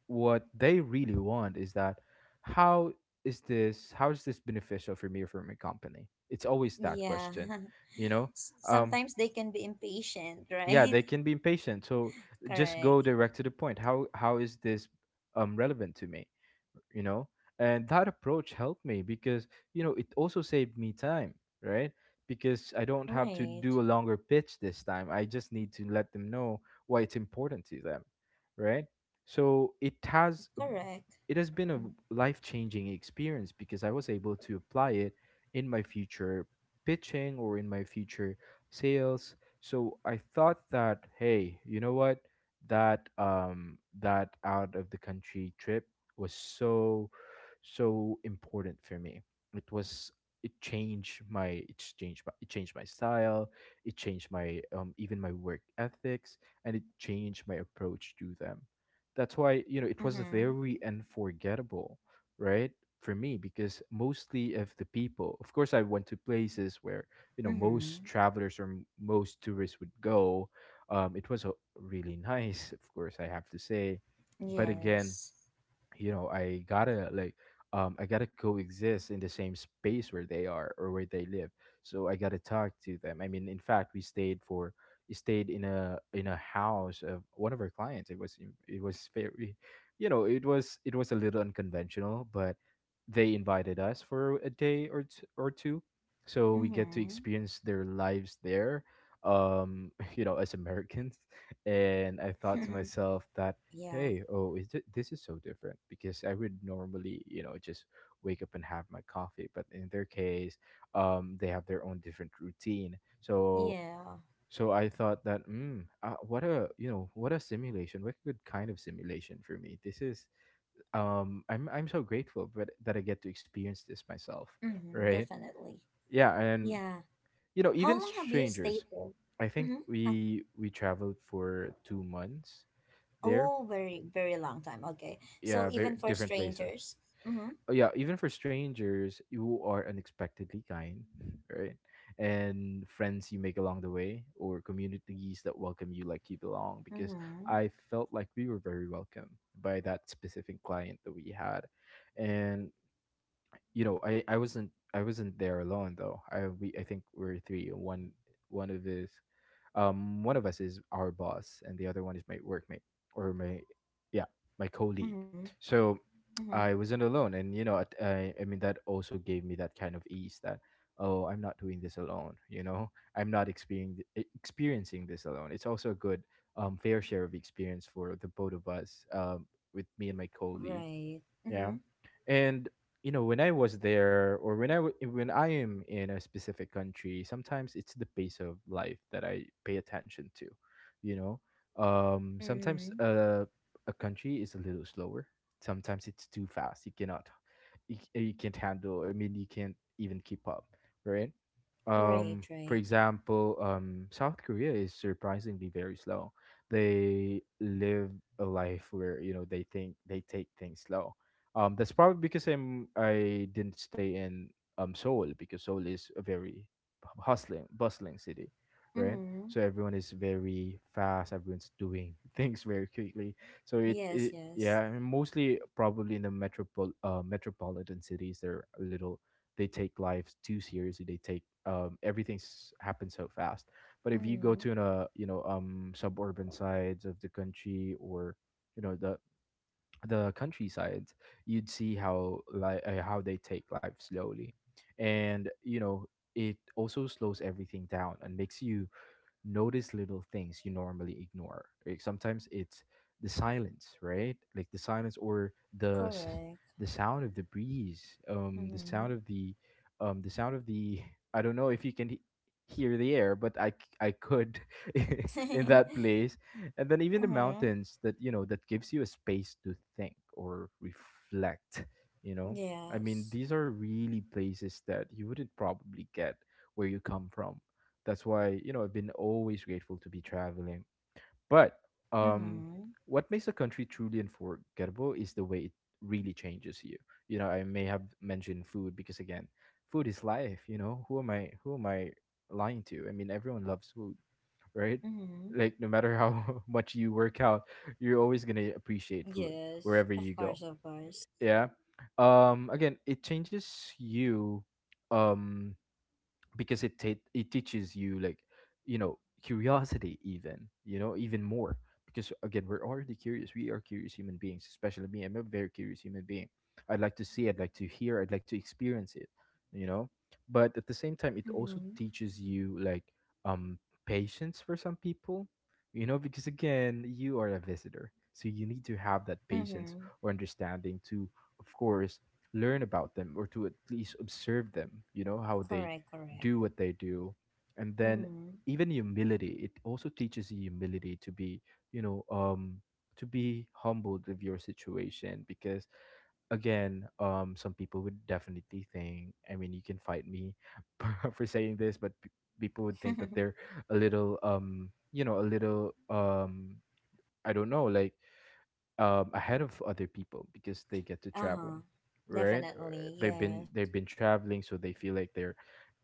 S2: what they really want is that, how is this beneficial for me or for my company? It's always that
S1: Yeah.
S2: question, you know. um
S1: Sometimes they can be impatient,
S2: yeah, they
S1: right?
S2: can be impatient, so just go
S1: Correct.
S2: direct to the point. How is this relevant to me, you know? And that approach helped me because, you know, it also saved me time, right? Because I don't have to
S1: Right.
S2: do a longer pitch this time, I just need to let them know why it's important to them, right? So
S1: Correct.
S2: it has been a life changing experience, because I was able to apply it in my future pitching, or in my future sales. So I thought that, hey, you know what? That that out of the country trip was so so important for me. It was, it changed my style. It changed my even my work ethics, and it changed my approach to them. That's why, you know, it was
S1: Mm-hmm.
S2: very unforgettable, right? For me, because mostly of the people. Of course, I went to places where, you know,
S1: Mm-hmm.
S2: most travelers, or most tourists would go. It was a really nice, of course, I have to say. But again,
S1: Yes.
S2: you know, I gotta coexist in the same space where they are, or where they live. So I gotta talk to them. I mean, in fact, we stayed in a house of one of our clients. It was very, you know, it was a little unconventional, but they invited us for a day or or two, so we get to
S1: Mm-hmm.
S2: experience their lives there. um you know, as Americans. And I thought to myself that,
S1: yeah.
S2: hey, oh, this is so different, because I would normally, you know, just wake up and have my coffee, but in their case, they have their own different routine. So
S1: Yeah.
S2: I thought that, what a, you know, what a simulation, what a good kind of simulation for me this is. I'm so grateful but that I get to experience this myself,
S1: Mm-hmm.
S2: right?
S1: Definitely.
S2: Yeah. And
S1: Yeah.
S2: you know,
S1: How
S2: even
S1: long have you
S2: strangers,
S1: stayed there?
S2: I think
S1: Mm-hmm. Ah,
S2: we traveled for 2 months there.
S1: oh, very, very long time. Okay.
S2: Yeah,
S1: So
S2: very
S1: even for
S2: different places.
S1: strangers. Mm-hmm.
S2: Oh, yeah, even for strangers, you are unexpectedly kind, right? And friends you make along the way, or communities that welcome you like you belong, because
S1: Mm-hmm.
S2: I felt like we were very welcome by that specific client that we had. And you know, I wasn't there alone though. I think we're three. One of his One of us is our boss, and the other one is my workmate, or my, yeah, my colleague.
S1: Mm-hmm.
S2: So I
S1: Mm-hmm.
S2: wasn't alone, and you know, I mean, that also gave me that kind of ease that, oh, I'm not doing this alone. You know, I'm not experiencing experiencing this alone. It's also a good fair share of experience for the both of us with me and my colleague.
S1: Right.
S2: Yeah,
S1: Mm-hmm.
S2: and you know, when I was there, or when when I am in a specific country, sometimes it's the pace of life that I pay attention to. You know, sometimes
S1: Mm-hmm.
S2: a country is a little slower. Sometimes it's too fast. You cannot, you can't handle. I mean, you can't even keep up, right?
S1: Right,
S2: For
S1: right.
S2: example, South Korea is surprisingly very slow. They live a life where you know they think they take things slow, that's probably because I didn't stay in Seoul, because Seoul is a very hustling, bustling city, right?
S1: Mm-hmm.
S2: So everyone is very fast. Everyone's doing things very quickly. So it
S1: Yes,
S2: yeah,
S1: yes.
S2: and mostly probably in the metropolitan cities, they're a little, they take life too seriously. They take everything's happens so fast. But if you go to
S1: Mm,
S2: a you know suburban sides of the country, or you know the countryside, you'd see how how they take life slowly, and you know it also slows everything down and makes you notice little things you normally ignore. Like sometimes it's the silence, right? Like the silence or
S1: correct.
S2: the sound of the breeze, the sound
S1: Mm-hmm.
S2: of the sound of the, I don't know if you can hear the air, but I could in that place, and then even the
S1: mm-hmm.
S2: mountains that you know that gives you a space to think or reflect. You know, I mean,
S1: Yes.
S2: these are really places that you wouldn't probably get where you come from. That's why, you know, I've been always grateful to be traveling. But um
S1: Mm-hmm.
S2: what makes a country truly unforgettable is the way it really changes you. You know, I may have mentioned food because again, food is life, you know. Who am I, who am I lying to? I mean, everyone loves food, right?
S1: Mm-hmm.
S2: Like no matter how much you work out, you're always going to appreciate food
S1: Yes.
S2: wherever you
S1: Of
S2: go.
S1: course, of course.
S2: Yeah. Again, it changes you, um because it teaches you like you know curiosity, even you know even more, because again we're already curious. We are curious human beings, especially me. I'm a very curious human being. I'd like to see, I'd like to hear, I'd like to experience it, you know. But at the same time, it also
S1: Mm-hmm.
S2: teaches you like, um patience for some people, you know, because again you are a visitor, so you need to have that patience
S1: Mm-hmm.
S2: or understanding to, of course, learn about them, or to at least observe them, you know, how they
S1: Correct, correct.
S2: do what they do. And then
S1: Mm-hmm.
S2: even humility, it also teaches you humility to be, you know, to be humbled with your situation. Because again, some people would definitely think, I mean you can fight me for saying this, but people would think that they're a little, you know, a little, I don't know, like, ahead of other people because they get to travel,
S1: uh-huh.
S2: right?
S1: Definitely,
S2: They've
S1: yes.
S2: been traveling, so they feel like they're,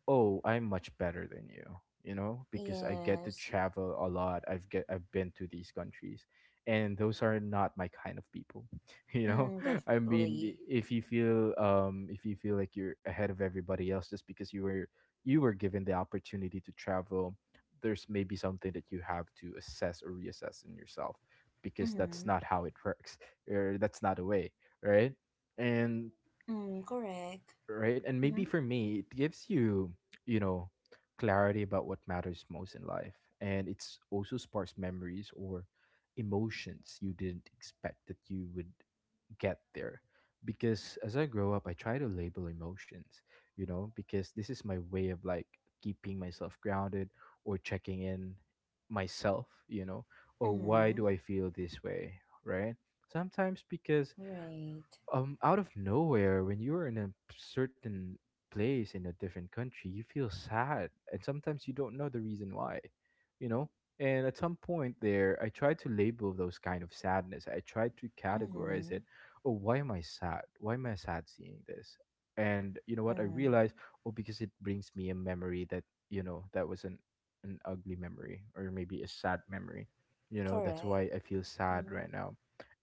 S2: oh, I'm much better than you, you know, because I get to
S1: Yes.
S2: travel a lot. I've been to these countries, and those are not my kind of people, you know.
S1: Mm,
S2: I mean,
S1: definitely.
S2: if you feel like you're ahead of everybody else just because you were given the opportunity to travel, there's maybe something that you have to assess or reassess in yourself, because that's
S1: Mm-hmm.
S2: not how it works, or that's not a way, right? and
S1: Mm, correct.
S2: Right? And maybe
S1: Mm-hmm.
S2: for me, it gives you, you know, clarity about what matters most in life. And it's also sparks memories or emotions you didn't expect that you would get there. Because as I grow up, I try to label emotions, you know, because this is my way of like keeping myself grounded or checking in myself, you know, or why
S1: Mm-hmm.
S2: do I feel this way, right? Sometimes because,
S1: Right.
S2: out of nowhere, when you're in a certain place in a different country, you feel sad, and sometimes you don't know the reason why, you know. And at some point there, I tried to label those kind of sadness. I tried to categorize
S1: Mm-hmm.
S2: it. Oh, why am I sad? Why am I sad seeing this? And you know what I
S1: Mm.
S2: realized? Oh, because it brings me a memory that, you know, that was an ugly memory, or maybe a sad memory, you know. That's
S1: Correct.
S2: why I feel sad
S1: Mm-hmm.
S2: right now.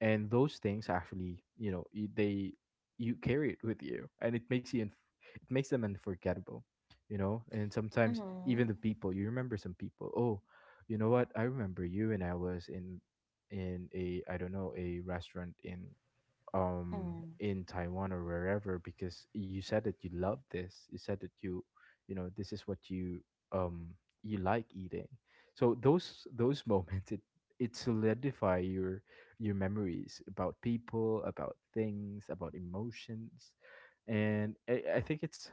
S2: And those things actually, you know, they, you carry it with you, and it makes you it makes them unforgettable, you know. And sometimes
S1: Mm-hmm.
S2: even the people, you remember some people, oh, you know what, I remember you, and I was in a I don't know, a restaurant
S1: Mm.
S2: in Taiwan or wherever, because you said that you love this. You said that you know, this is what you um you like eating. So those moments, it solidify your memories about people, about things, about emotions. And I think it's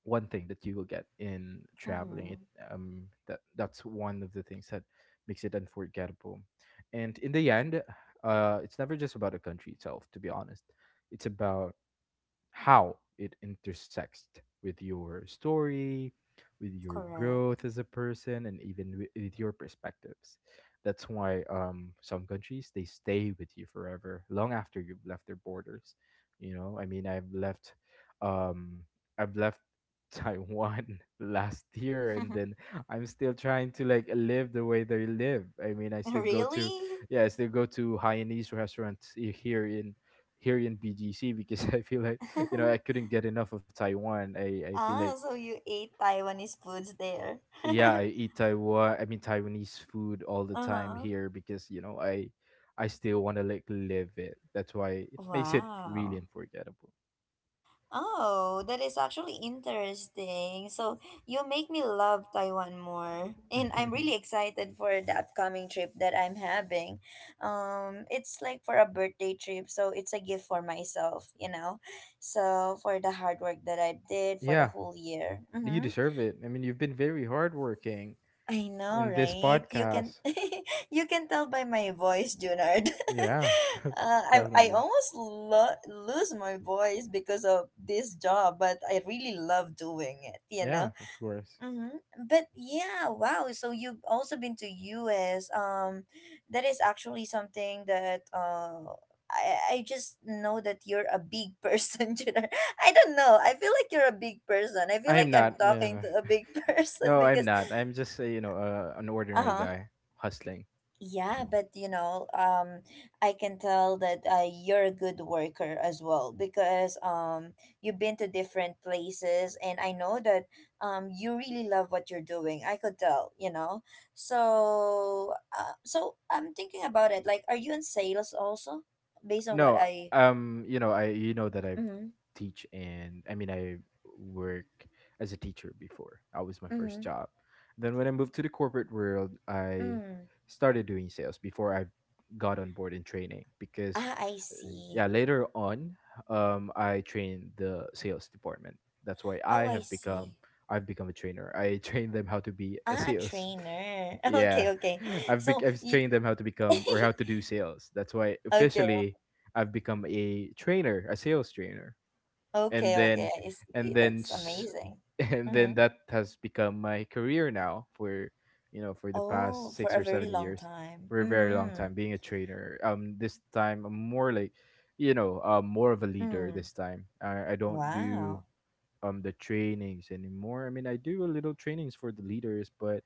S2: one thing that you will get in traveling, it
S1: Mm-hmm.
S2: that, that's one of the things that makes it unforgettable. And in the end, uh, it's never just about the country itself, to be honest. It's about how it intersects with your story, with your
S1: Correct.
S2: growth as a person, and even with your perspectives. That's why, some countries they stay with you forever, long after you've left their borders. You know, I mean, um, I've left Taiwan last year, and then I'm still trying to like live the way they live. I mean, I still go to,
S1: Really?
S2: yeah, I still go to Hainanese restaurants here in, here in BGC because I feel like, you know, I couldn't get enough of Taiwan. I feel like,
S1: Ah, so you ate Taiwanese foods there.
S2: yeah, I eat Taiwan, I mean Taiwanese food all the time
S1: Uh-huh.
S2: here, because you know I still want to like live it. That's why it makes it really
S1: Wow.
S2: unforgettable.
S1: Oh, that is actually interesting. So you make me love Taiwan more. And I'm really excited for the upcoming trip that I'm having. It's like for a birthday trip, so it's a gift for myself, you know. So for the hard work that I did for the
S2: Yeah,
S1: whole year.
S2: you
S1: Mm-hmm.
S2: deserve it. I mean, you've been very hardworking
S1: I know,
S2: in this
S1: right? You can
S2: podcast.
S1: you can tell by my voice, Junard.
S2: Yeah,
S1: I
S2: definitely.
S1: almost lose my voice because of this job, but I really love doing it. You know.
S2: Yeah, of course.
S1: Mm-hmm. But yeah, wow. So you've also been to US. That is actually something that I just know that you're a big person, Junard. I don't know. I feel like you're a big person. I feel
S2: I'm
S1: like I'm
S2: not. No, no,
S1: talking
S2: no.
S1: to a big person
S2: No, I'm
S1: because
S2: not. I'm just you know, an ordinary
S1: uh-huh.
S2: guy hustling.
S1: Yeah, but you know, I can tell that you're a good worker as well because you've been to different places, and I know that you really love what you're doing. I could tell, you know. So, so I'm thinking about it. Like, are you in sales also? Based on what
S2: No,
S1: I.
S2: you know, I you know that I
S1: Mm-hmm.
S2: teach, and I mean I work as a teacher before. That was my
S1: Mm-hmm.
S2: first job. Then when I moved to the corporate world, I
S1: Mm.
S2: started doing sales before I got on board in training, because
S1: Ah, I see.
S2: yeah, later on I trained the sales department. That's why
S1: Oh, I see.
S2: I've become a trainer. I train them how to be a
S1: Ah, a
S2: sales.
S1: trainer. Okay,
S2: Yeah,
S1: okay. So,
S2: I've
S1: y-
S2: trained them how to become or how to do sales. That's why
S1: okay.
S2: officially I've become a trainer, a sales trainer, and
S1: Okay, okay,
S2: then
S1: I
S2: and
S1: see.
S2: then
S1: That's
S2: s-
S1: amazing.
S2: and then
S1: Mm-hmm.
S2: that has become my career now for, you know, for the
S1: Oh,
S2: past
S1: for a
S2: six or
S1: very
S2: seven
S1: long
S2: years,
S1: time.
S2: for a very long
S1: Mm-hmm.
S2: time being a trainer. This time I'm more like, you know, more of a leader
S1: Mm.
S2: this time. I don't do
S1: Wow.
S2: the trainings anymore. I mean, I do a little trainings for the leaders, but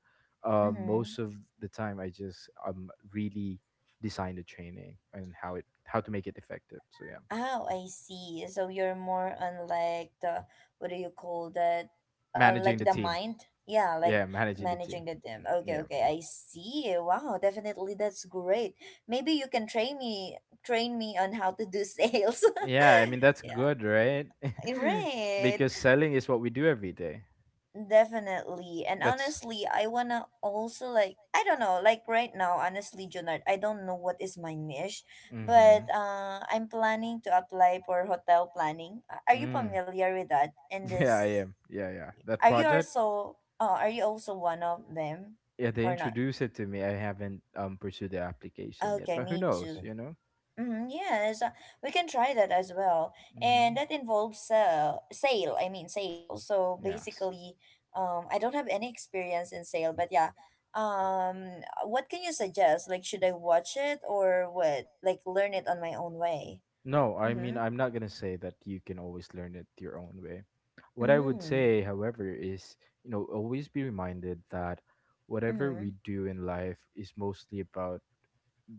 S1: Mm-hmm.
S2: most of the time I just really design the training and how it how to make it effective. So yeah,
S1: Oh, I see. So you're more on like the, what do you call that?
S2: managing
S1: Like
S2: the
S1: the
S2: team.
S1: mind. Yeah, like
S2: Yeah, managing the
S1: managing
S2: team.
S1: the gym.
S2: Mm,
S1: Okay,
S2: yeah.
S1: okay, I see. Wow, definitely that's great. Maybe you can train me, on how to do sales.
S2: Yeah, I mean that's
S1: Yeah.
S2: good, right?
S1: Right.
S2: Because selling is what we do every day.
S1: Definitely. And honestly, I wanna also, like, I don't know, like right now, honestly, Junard, I don't know what is my niche, but
S2: Mm-hmm.
S1: I'm planning to apply for hotel planning. Are you
S2: You.
S1: familiar with that? And this,
S2: Yes. Yeah, yeah. That,
S1: are you also one of them
S2: yeah, they
S1: or not?
S2: it to me. I haven't pursued the application.
S1: Okay,
S2: Oh,
S1: me
S2: knows?
S1: too.
S2: You know.
S1: Mm-hmm, yes, we can try that as well.
S2: Mm-hmm.
S1: And that involves sale, I mean sale. So basically, I don't have any experience in sale, but yeah. What can you suggest? Like, should I watch it or what? Like, learn it on my own way.
S2: No, I
S1: Mm-hmm.
S2: mean, I'm not gonna say that you can always learn it your own way. What I would
S1: Mm-hmm.
S2: say, however, is, you know, always be reminded that whatever
S1: Mm-hmm.
S2: we do in life is mostly about,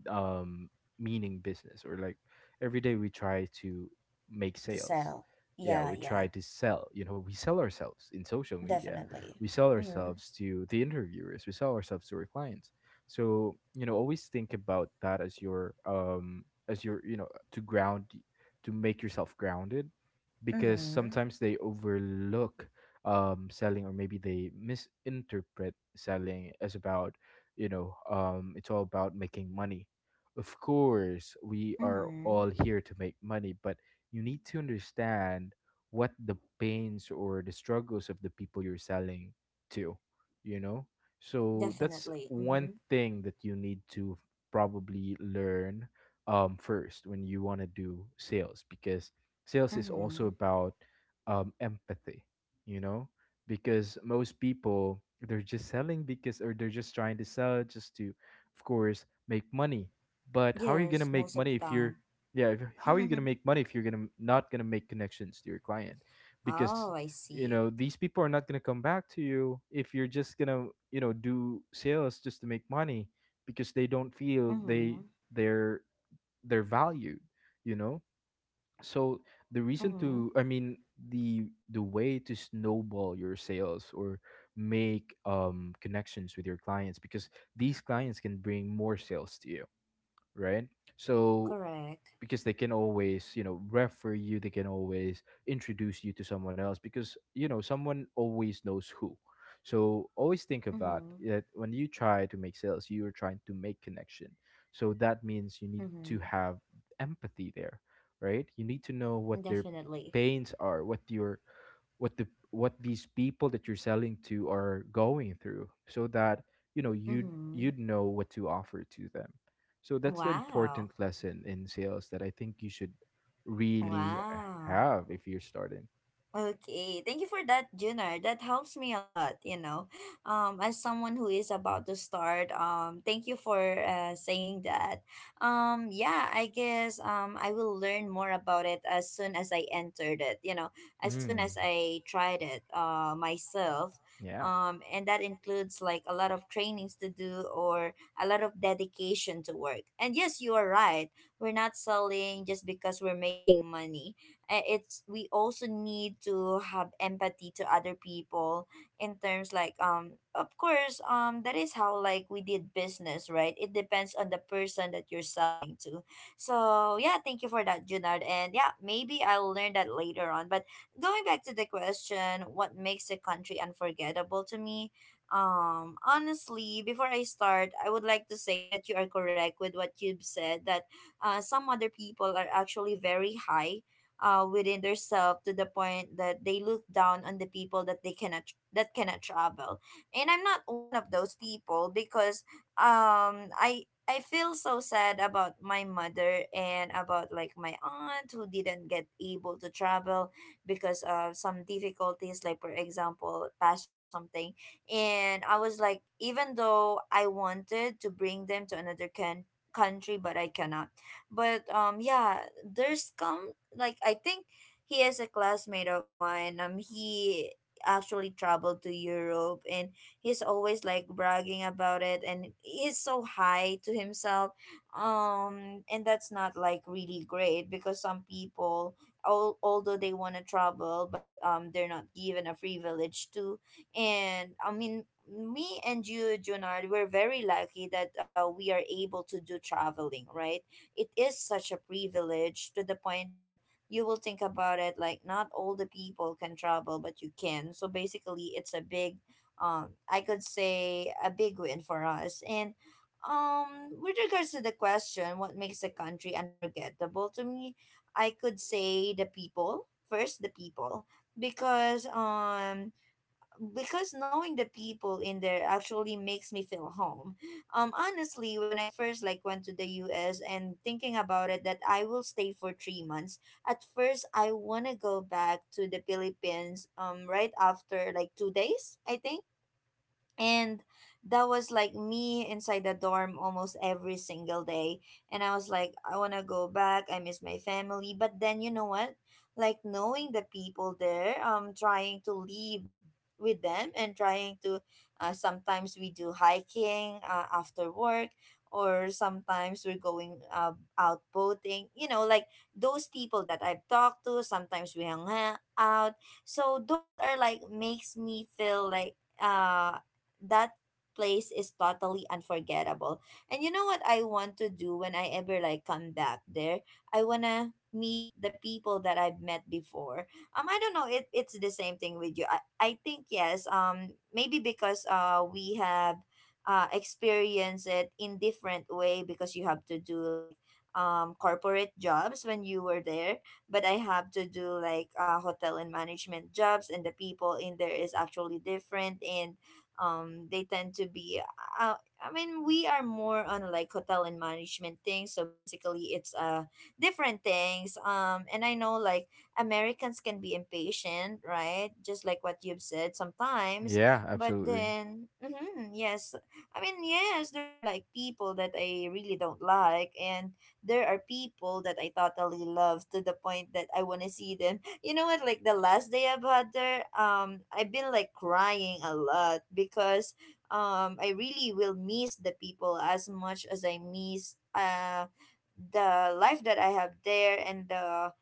S2: um meaning business, or like every day we try to make
S1: To
S2: sales.
S1: sell.
S2: Yeah,
S1: Yeah,
S2: we
S1: yeah,
S2: try to sell. You know, we sell ourselves in social media,
S1: definitely.
S2: we sell
S1: Mm-hmm.
S2: ourselves to the interviewers, we sell ourselves to our clients. So, you know, always think about that as your as your, you know, to ground, to make yourself grounded, because
S1: Mm-hmm.
S2: sometimes they overlook selling, or maybe they misinterpret selling as about, you know, it's all about making money. Of course, we are
S1: Mm-hmm.
S2: all here to make money, but you need to understand what the pains or the struggles of the people you're selling to, you know? So that's
S1: Definitely.
S2: one
S1: Mm-hmm.
S2: thing that you need to probably learn first when you want to do sales, because sales is also
S1: Mm-hmm.
S2: about, empathy, you know? Because most people, they're just selling because, or they're just trying to sell just to, of course, make money. But how are you gonna
S1: Yes,
S2: make
S1: most of
S2: money
S1: the
S2: if you're
S1: time.
S2: yeah if, how are you gonna make money if you're gonna not gonna make connections to your client? Because
S1: Oh, I see.
S2: these people are not gonna come back to you if you're just gonna do sales just to make money because they don't feel they
S1: Mm-hmm.
S2: they're they're valued, you know. So the reason
S1: Mm-hmm.
S2: to I mean the way to snowball your sales or make connections with your clients, because these clients can bring more sales to you, right? So
S1: Correct.
S2: because they can always, you know, refer you, they can always introduce you to someone else because, you know, someone always knows who. So always think of that,
S1: Mm-hmm.
S2: that when you try to make sales, you are trying to make connection. So that means you need to
S1: Mm-hmm.
S2: have empathy there, right? You need to know what their
S1: Definitely.
S2: pains are, what your what the what these people that you're selling to are going through, so that you know you'd
S1: Mm-hmm.
S2: you'd know what to offer to them. So that's the
S1: Wow.
S2: important lesson in sales that I think you should really
S1: Wow.
S2: have if you're starting.
S1: Okay, thank you for that, Junar. That helps me a lot, you know. As someone who is about to start, thank you for saying that. Yeah, I guess I will learn more about it as soon as I entered it, you know, as soon as
S2: Mm,
S1: I tried it myself.
S2: yeah.
S1: And that includes like a lot of trainings to do or a lot of dedication to work. And yes, you are right. We're not selling just because we're making money, it's we also need to have empathy to other people in terms like, of course, that is how like we did business, right? It depends on the person that you're selling to. So yeah, thank you for that, Junard. And yeah, maybe I'll learn that later on. But going back to the question, what makes a country unforgettable to me? Honestly, before I start I would like to say that you are correct with what you've said, that some other people are actually very high within themselves to the point that they look down on the people that they cannot that cannot travel. And I'm not one of those people, because I feel so sad about my mother and about like my aunt who didn't get able to travel because of some difficulties, like for example passport something. And I was like, even though I wanted to bring them to another country, but I cannot. But yeah, there's come, like I think he is a classmate of mine. He actually traveled to Europe, and he's always like bragging about it, and he's so high to himself. And that's not like really great, because some people, although they want to travel, but they're not given a privilege to. And I mean, me and you, Junard, we're very lucky that we are able to do traveling, right? It is such a privilege to the point that you will think about it, like, not all the people can travel but you can. So basically it's a big, I could say a big win for us. And with regards to the question, what makes a country unforgettable to me? I could say the people, first the people. Because because knowing the people in there actually makes me feel home. Honestly, when I first like went to the U.S. and thinking about it that I will stay for 3 months, at first I wanna go back to the Philippines. Right after like 2 days, I think. And that was like me inside the dorm almost every single day, and I was like, I want to go back, I miss my family. But then, you know what, like knowing the people there, trying to leave with them, and trying to sometimes we do hiking after work, or sometimes we're going out boating, you know, like those people that I've talked to, sometimes we hang out. So those are like makes me feel like uh that place is totally unforgettable. And you know what I want to do when I ever like come back there? I wanna meet the people that I've met before. Um, I don't know, it's the same thing with you. I think yes. Um, maybe because we have experienced it in different way, because you have to do like corporate jobs when you were there, but I have to do like hotel and management jobs, and the people in there is actually different. And they tend to be uh, I mean, we are more on like hotel and management things, so basically it's different things. Um, and I know like Americans can be impatient, right, just like what you've said sometimes.
S2: Yeah,
S1: But
S2: absolutely.
S1: then, hmm, yes, I mean yes, there are like people that I really don't like, and there are people that I totally love to the point that I want to see them. You know what, like the last day I've had there, I've been like crying a lot because I really will miss the people as much as I miss the life that I have there and the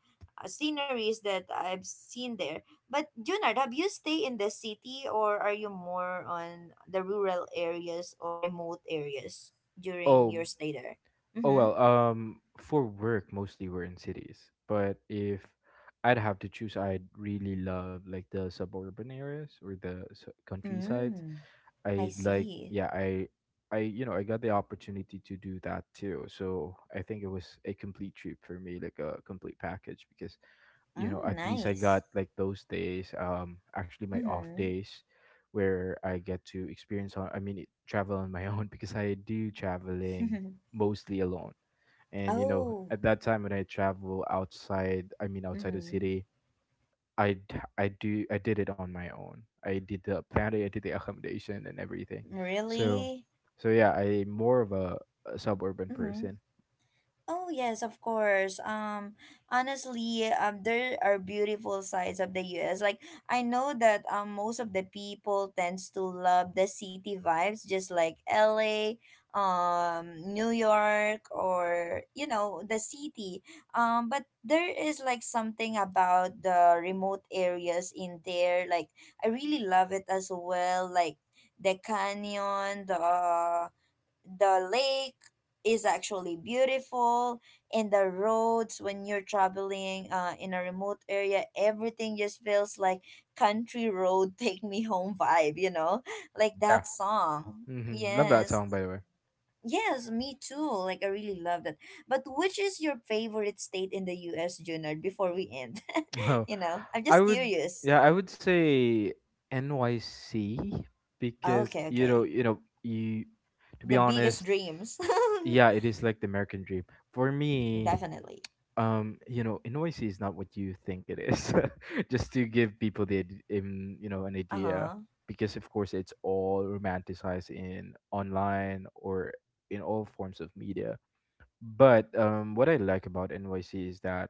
S1: sceneries that I've seen there. But Junard, have you stay in the city, or are you more on the rural areas or remote areas during
S2: Oh.
S1: your stay there?
S2: Oh well,
S1: Mm-hmm.
S2: for work mostly we're in cities, but if I'd have to choose, I'd really love like the suburban areas or the countryside.
S1: Mm. I
S2: I like
S1: see.
S2: yeah, I you know, I got the opportunity to do that too. So I think it was a complete trip for me, like a complete package because you know,
S1: Mm,
S2: at least I got
S1: nice.
S2: like those days, actually my off
S1: Mm-hmm.
S2: days where I get to experience on I mean travel on my own, because I do traveling mostly alone. And you know,
S1: Oh.
S2: at that time when I travel outside, I mean outside the
S1: Hmm.
S2: city, I do I did it on my own. I did the planning, I did the accommodation and everything. So
S1: Really?
S2: so yeah, I more of a suburban
S1: Hmm.
S2: person.
S1: Oh yes, of course. Honestly, there are beautiful sides of the U.S. Like I know that, most of the people tends to love the city vibes, just like L.A., New York, or you know, the city. But there is like something about the remote areas in there. Like I really love it as well. Like the canyon, the lake is actually beautiful. And the roads when you're traveling in a remote area, everything just feels like country road take me home vibe, you know, like
S2: Yeah.
S1: that song.
S2: Hmm, love that
S1: Yes,
S2: song by the way.
S1: yes me too, like I really love that. But which is your favorite state in the US, Junard, before we end?
S2: Oh,
S1: You know, I'm
S2: I
S1: just
S2: would
S1: curious.
S2: yeah, I would say NYC,
S1: Oh,
S2: because
S1: okay,
S2: you know,
S1: okay.
S2: you know, you to be
S1: The biggest
S2: honest,
S1: dreams.
S2: yeah, it is like the American dream. For me,
S1: Definitely.
S2: you know innoisy is not what you think it is, just to give people the you know, an idea,
S1: Uh-huh.
S2: because of course it's all romanticized in online or in all forms of media. But what I like about NYC is that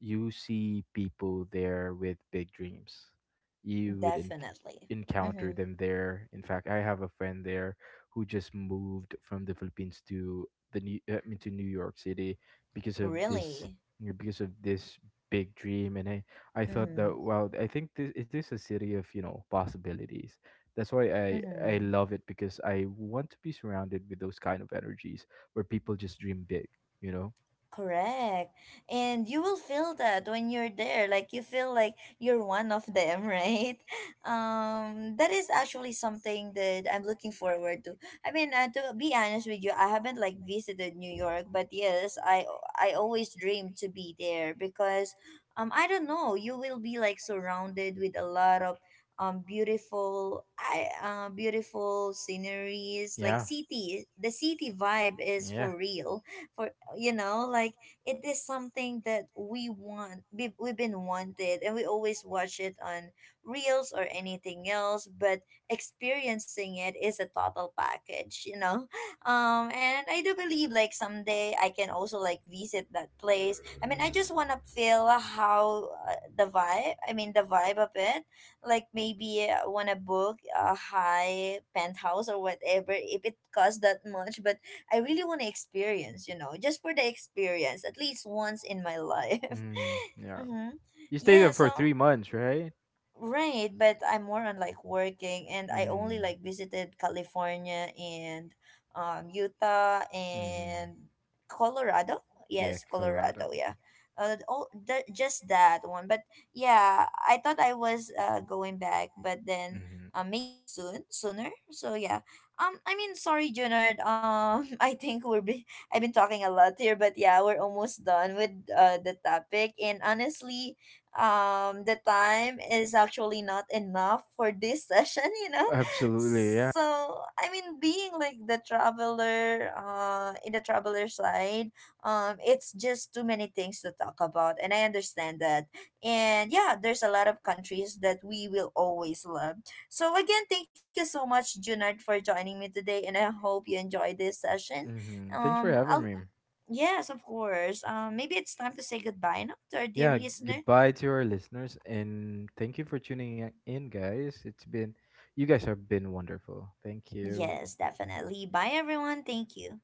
S2: you see people there with big dreams. You would
S1: Definitely.
S2: encounter
S1: Mm-hmm.
S2: them there. In fact, I have a friend there who just moved from the Philippines to the New I mean, to New York City because of this
S1: Really?
S2: you know, because of this big dream. And I thought
S1: Mm-hmm.
S2: that wow, I think this it is a city of you know possibilities. That's why I
S1: Mm-hmm.
S2: love it, because I want to be surrounded with those kind of energies where people just dream big, you know?
S1: Correct. And you will feel that when you're there. Like you feel like you're one of them, right? Um, that is actually something that I'm looking forward to. I mean, to be honest with you, I haven't like visited New York, but yes, I always dream to be there because I don't know, you will be like surrounded with a lot of beautiful, I beautiful sceneries, like
S2: Yeah.
S1: city, the city vibe is
S2: Yeah.
S1: for real. For, you know, like, it is something that we want, we've been wanted, and we always watch it on reels or anything else. But experiencing it is a total package, you know. Um, and I do believe like someday I can also like visit that place. I mean, I just want to feel how the vibe, I mean the vibe of it. Like, maybe want to book a high penthouse or whatever, if it costs that much. But I really want to experience, you know, just for the experience, at least once in my life.
S2: Mm, yeah.
S1: Mm-hmm.
S2: You stayed
S1: Yeah,
S2: there for
S1: so,
S2: 3 months, right?
S1: right, but I'm more on like working, and I only
S2: Mm.
S1: like visited California and Utah
S2: Hmm.
S1: and Colorado.
S2: Yeah,
S1: Yes,
S2: Colorado.
S1: Colorado, yeah. Just that one. But yeah, I thought I was going back, but then
S2: Hmm.
S1: maybe soon, sooner. So yeah. Um, I mean, sorry, Junard. Um, I think I've been talking a lot here, but yeah, we're almost done with the topic. And honestly, the time is actually not enough for this session. You know,
S2: Absolutely.
S1: so I mean, being like the traveler, in the traveler side, it's just too many things to talk about, and I understand that. And yeah, there's a lot of countries that we will always love. So again, thank you so much, Junard, for joining me today, and I hope you enjoyed this session.
S2: Mm-hmm, thanks for
S1: I'll
S2: having me.
S1: Yes, of course. Maybe it's time to say goodbye now to our dear
S2: Yeah,
S1: listeners.
S2: goodbye to our listeners, and thank you for tuning in, guys. It's been, you guys have been wonderful. Thank you.
S1: Yes, definitely. Bye, everyone. Thank you.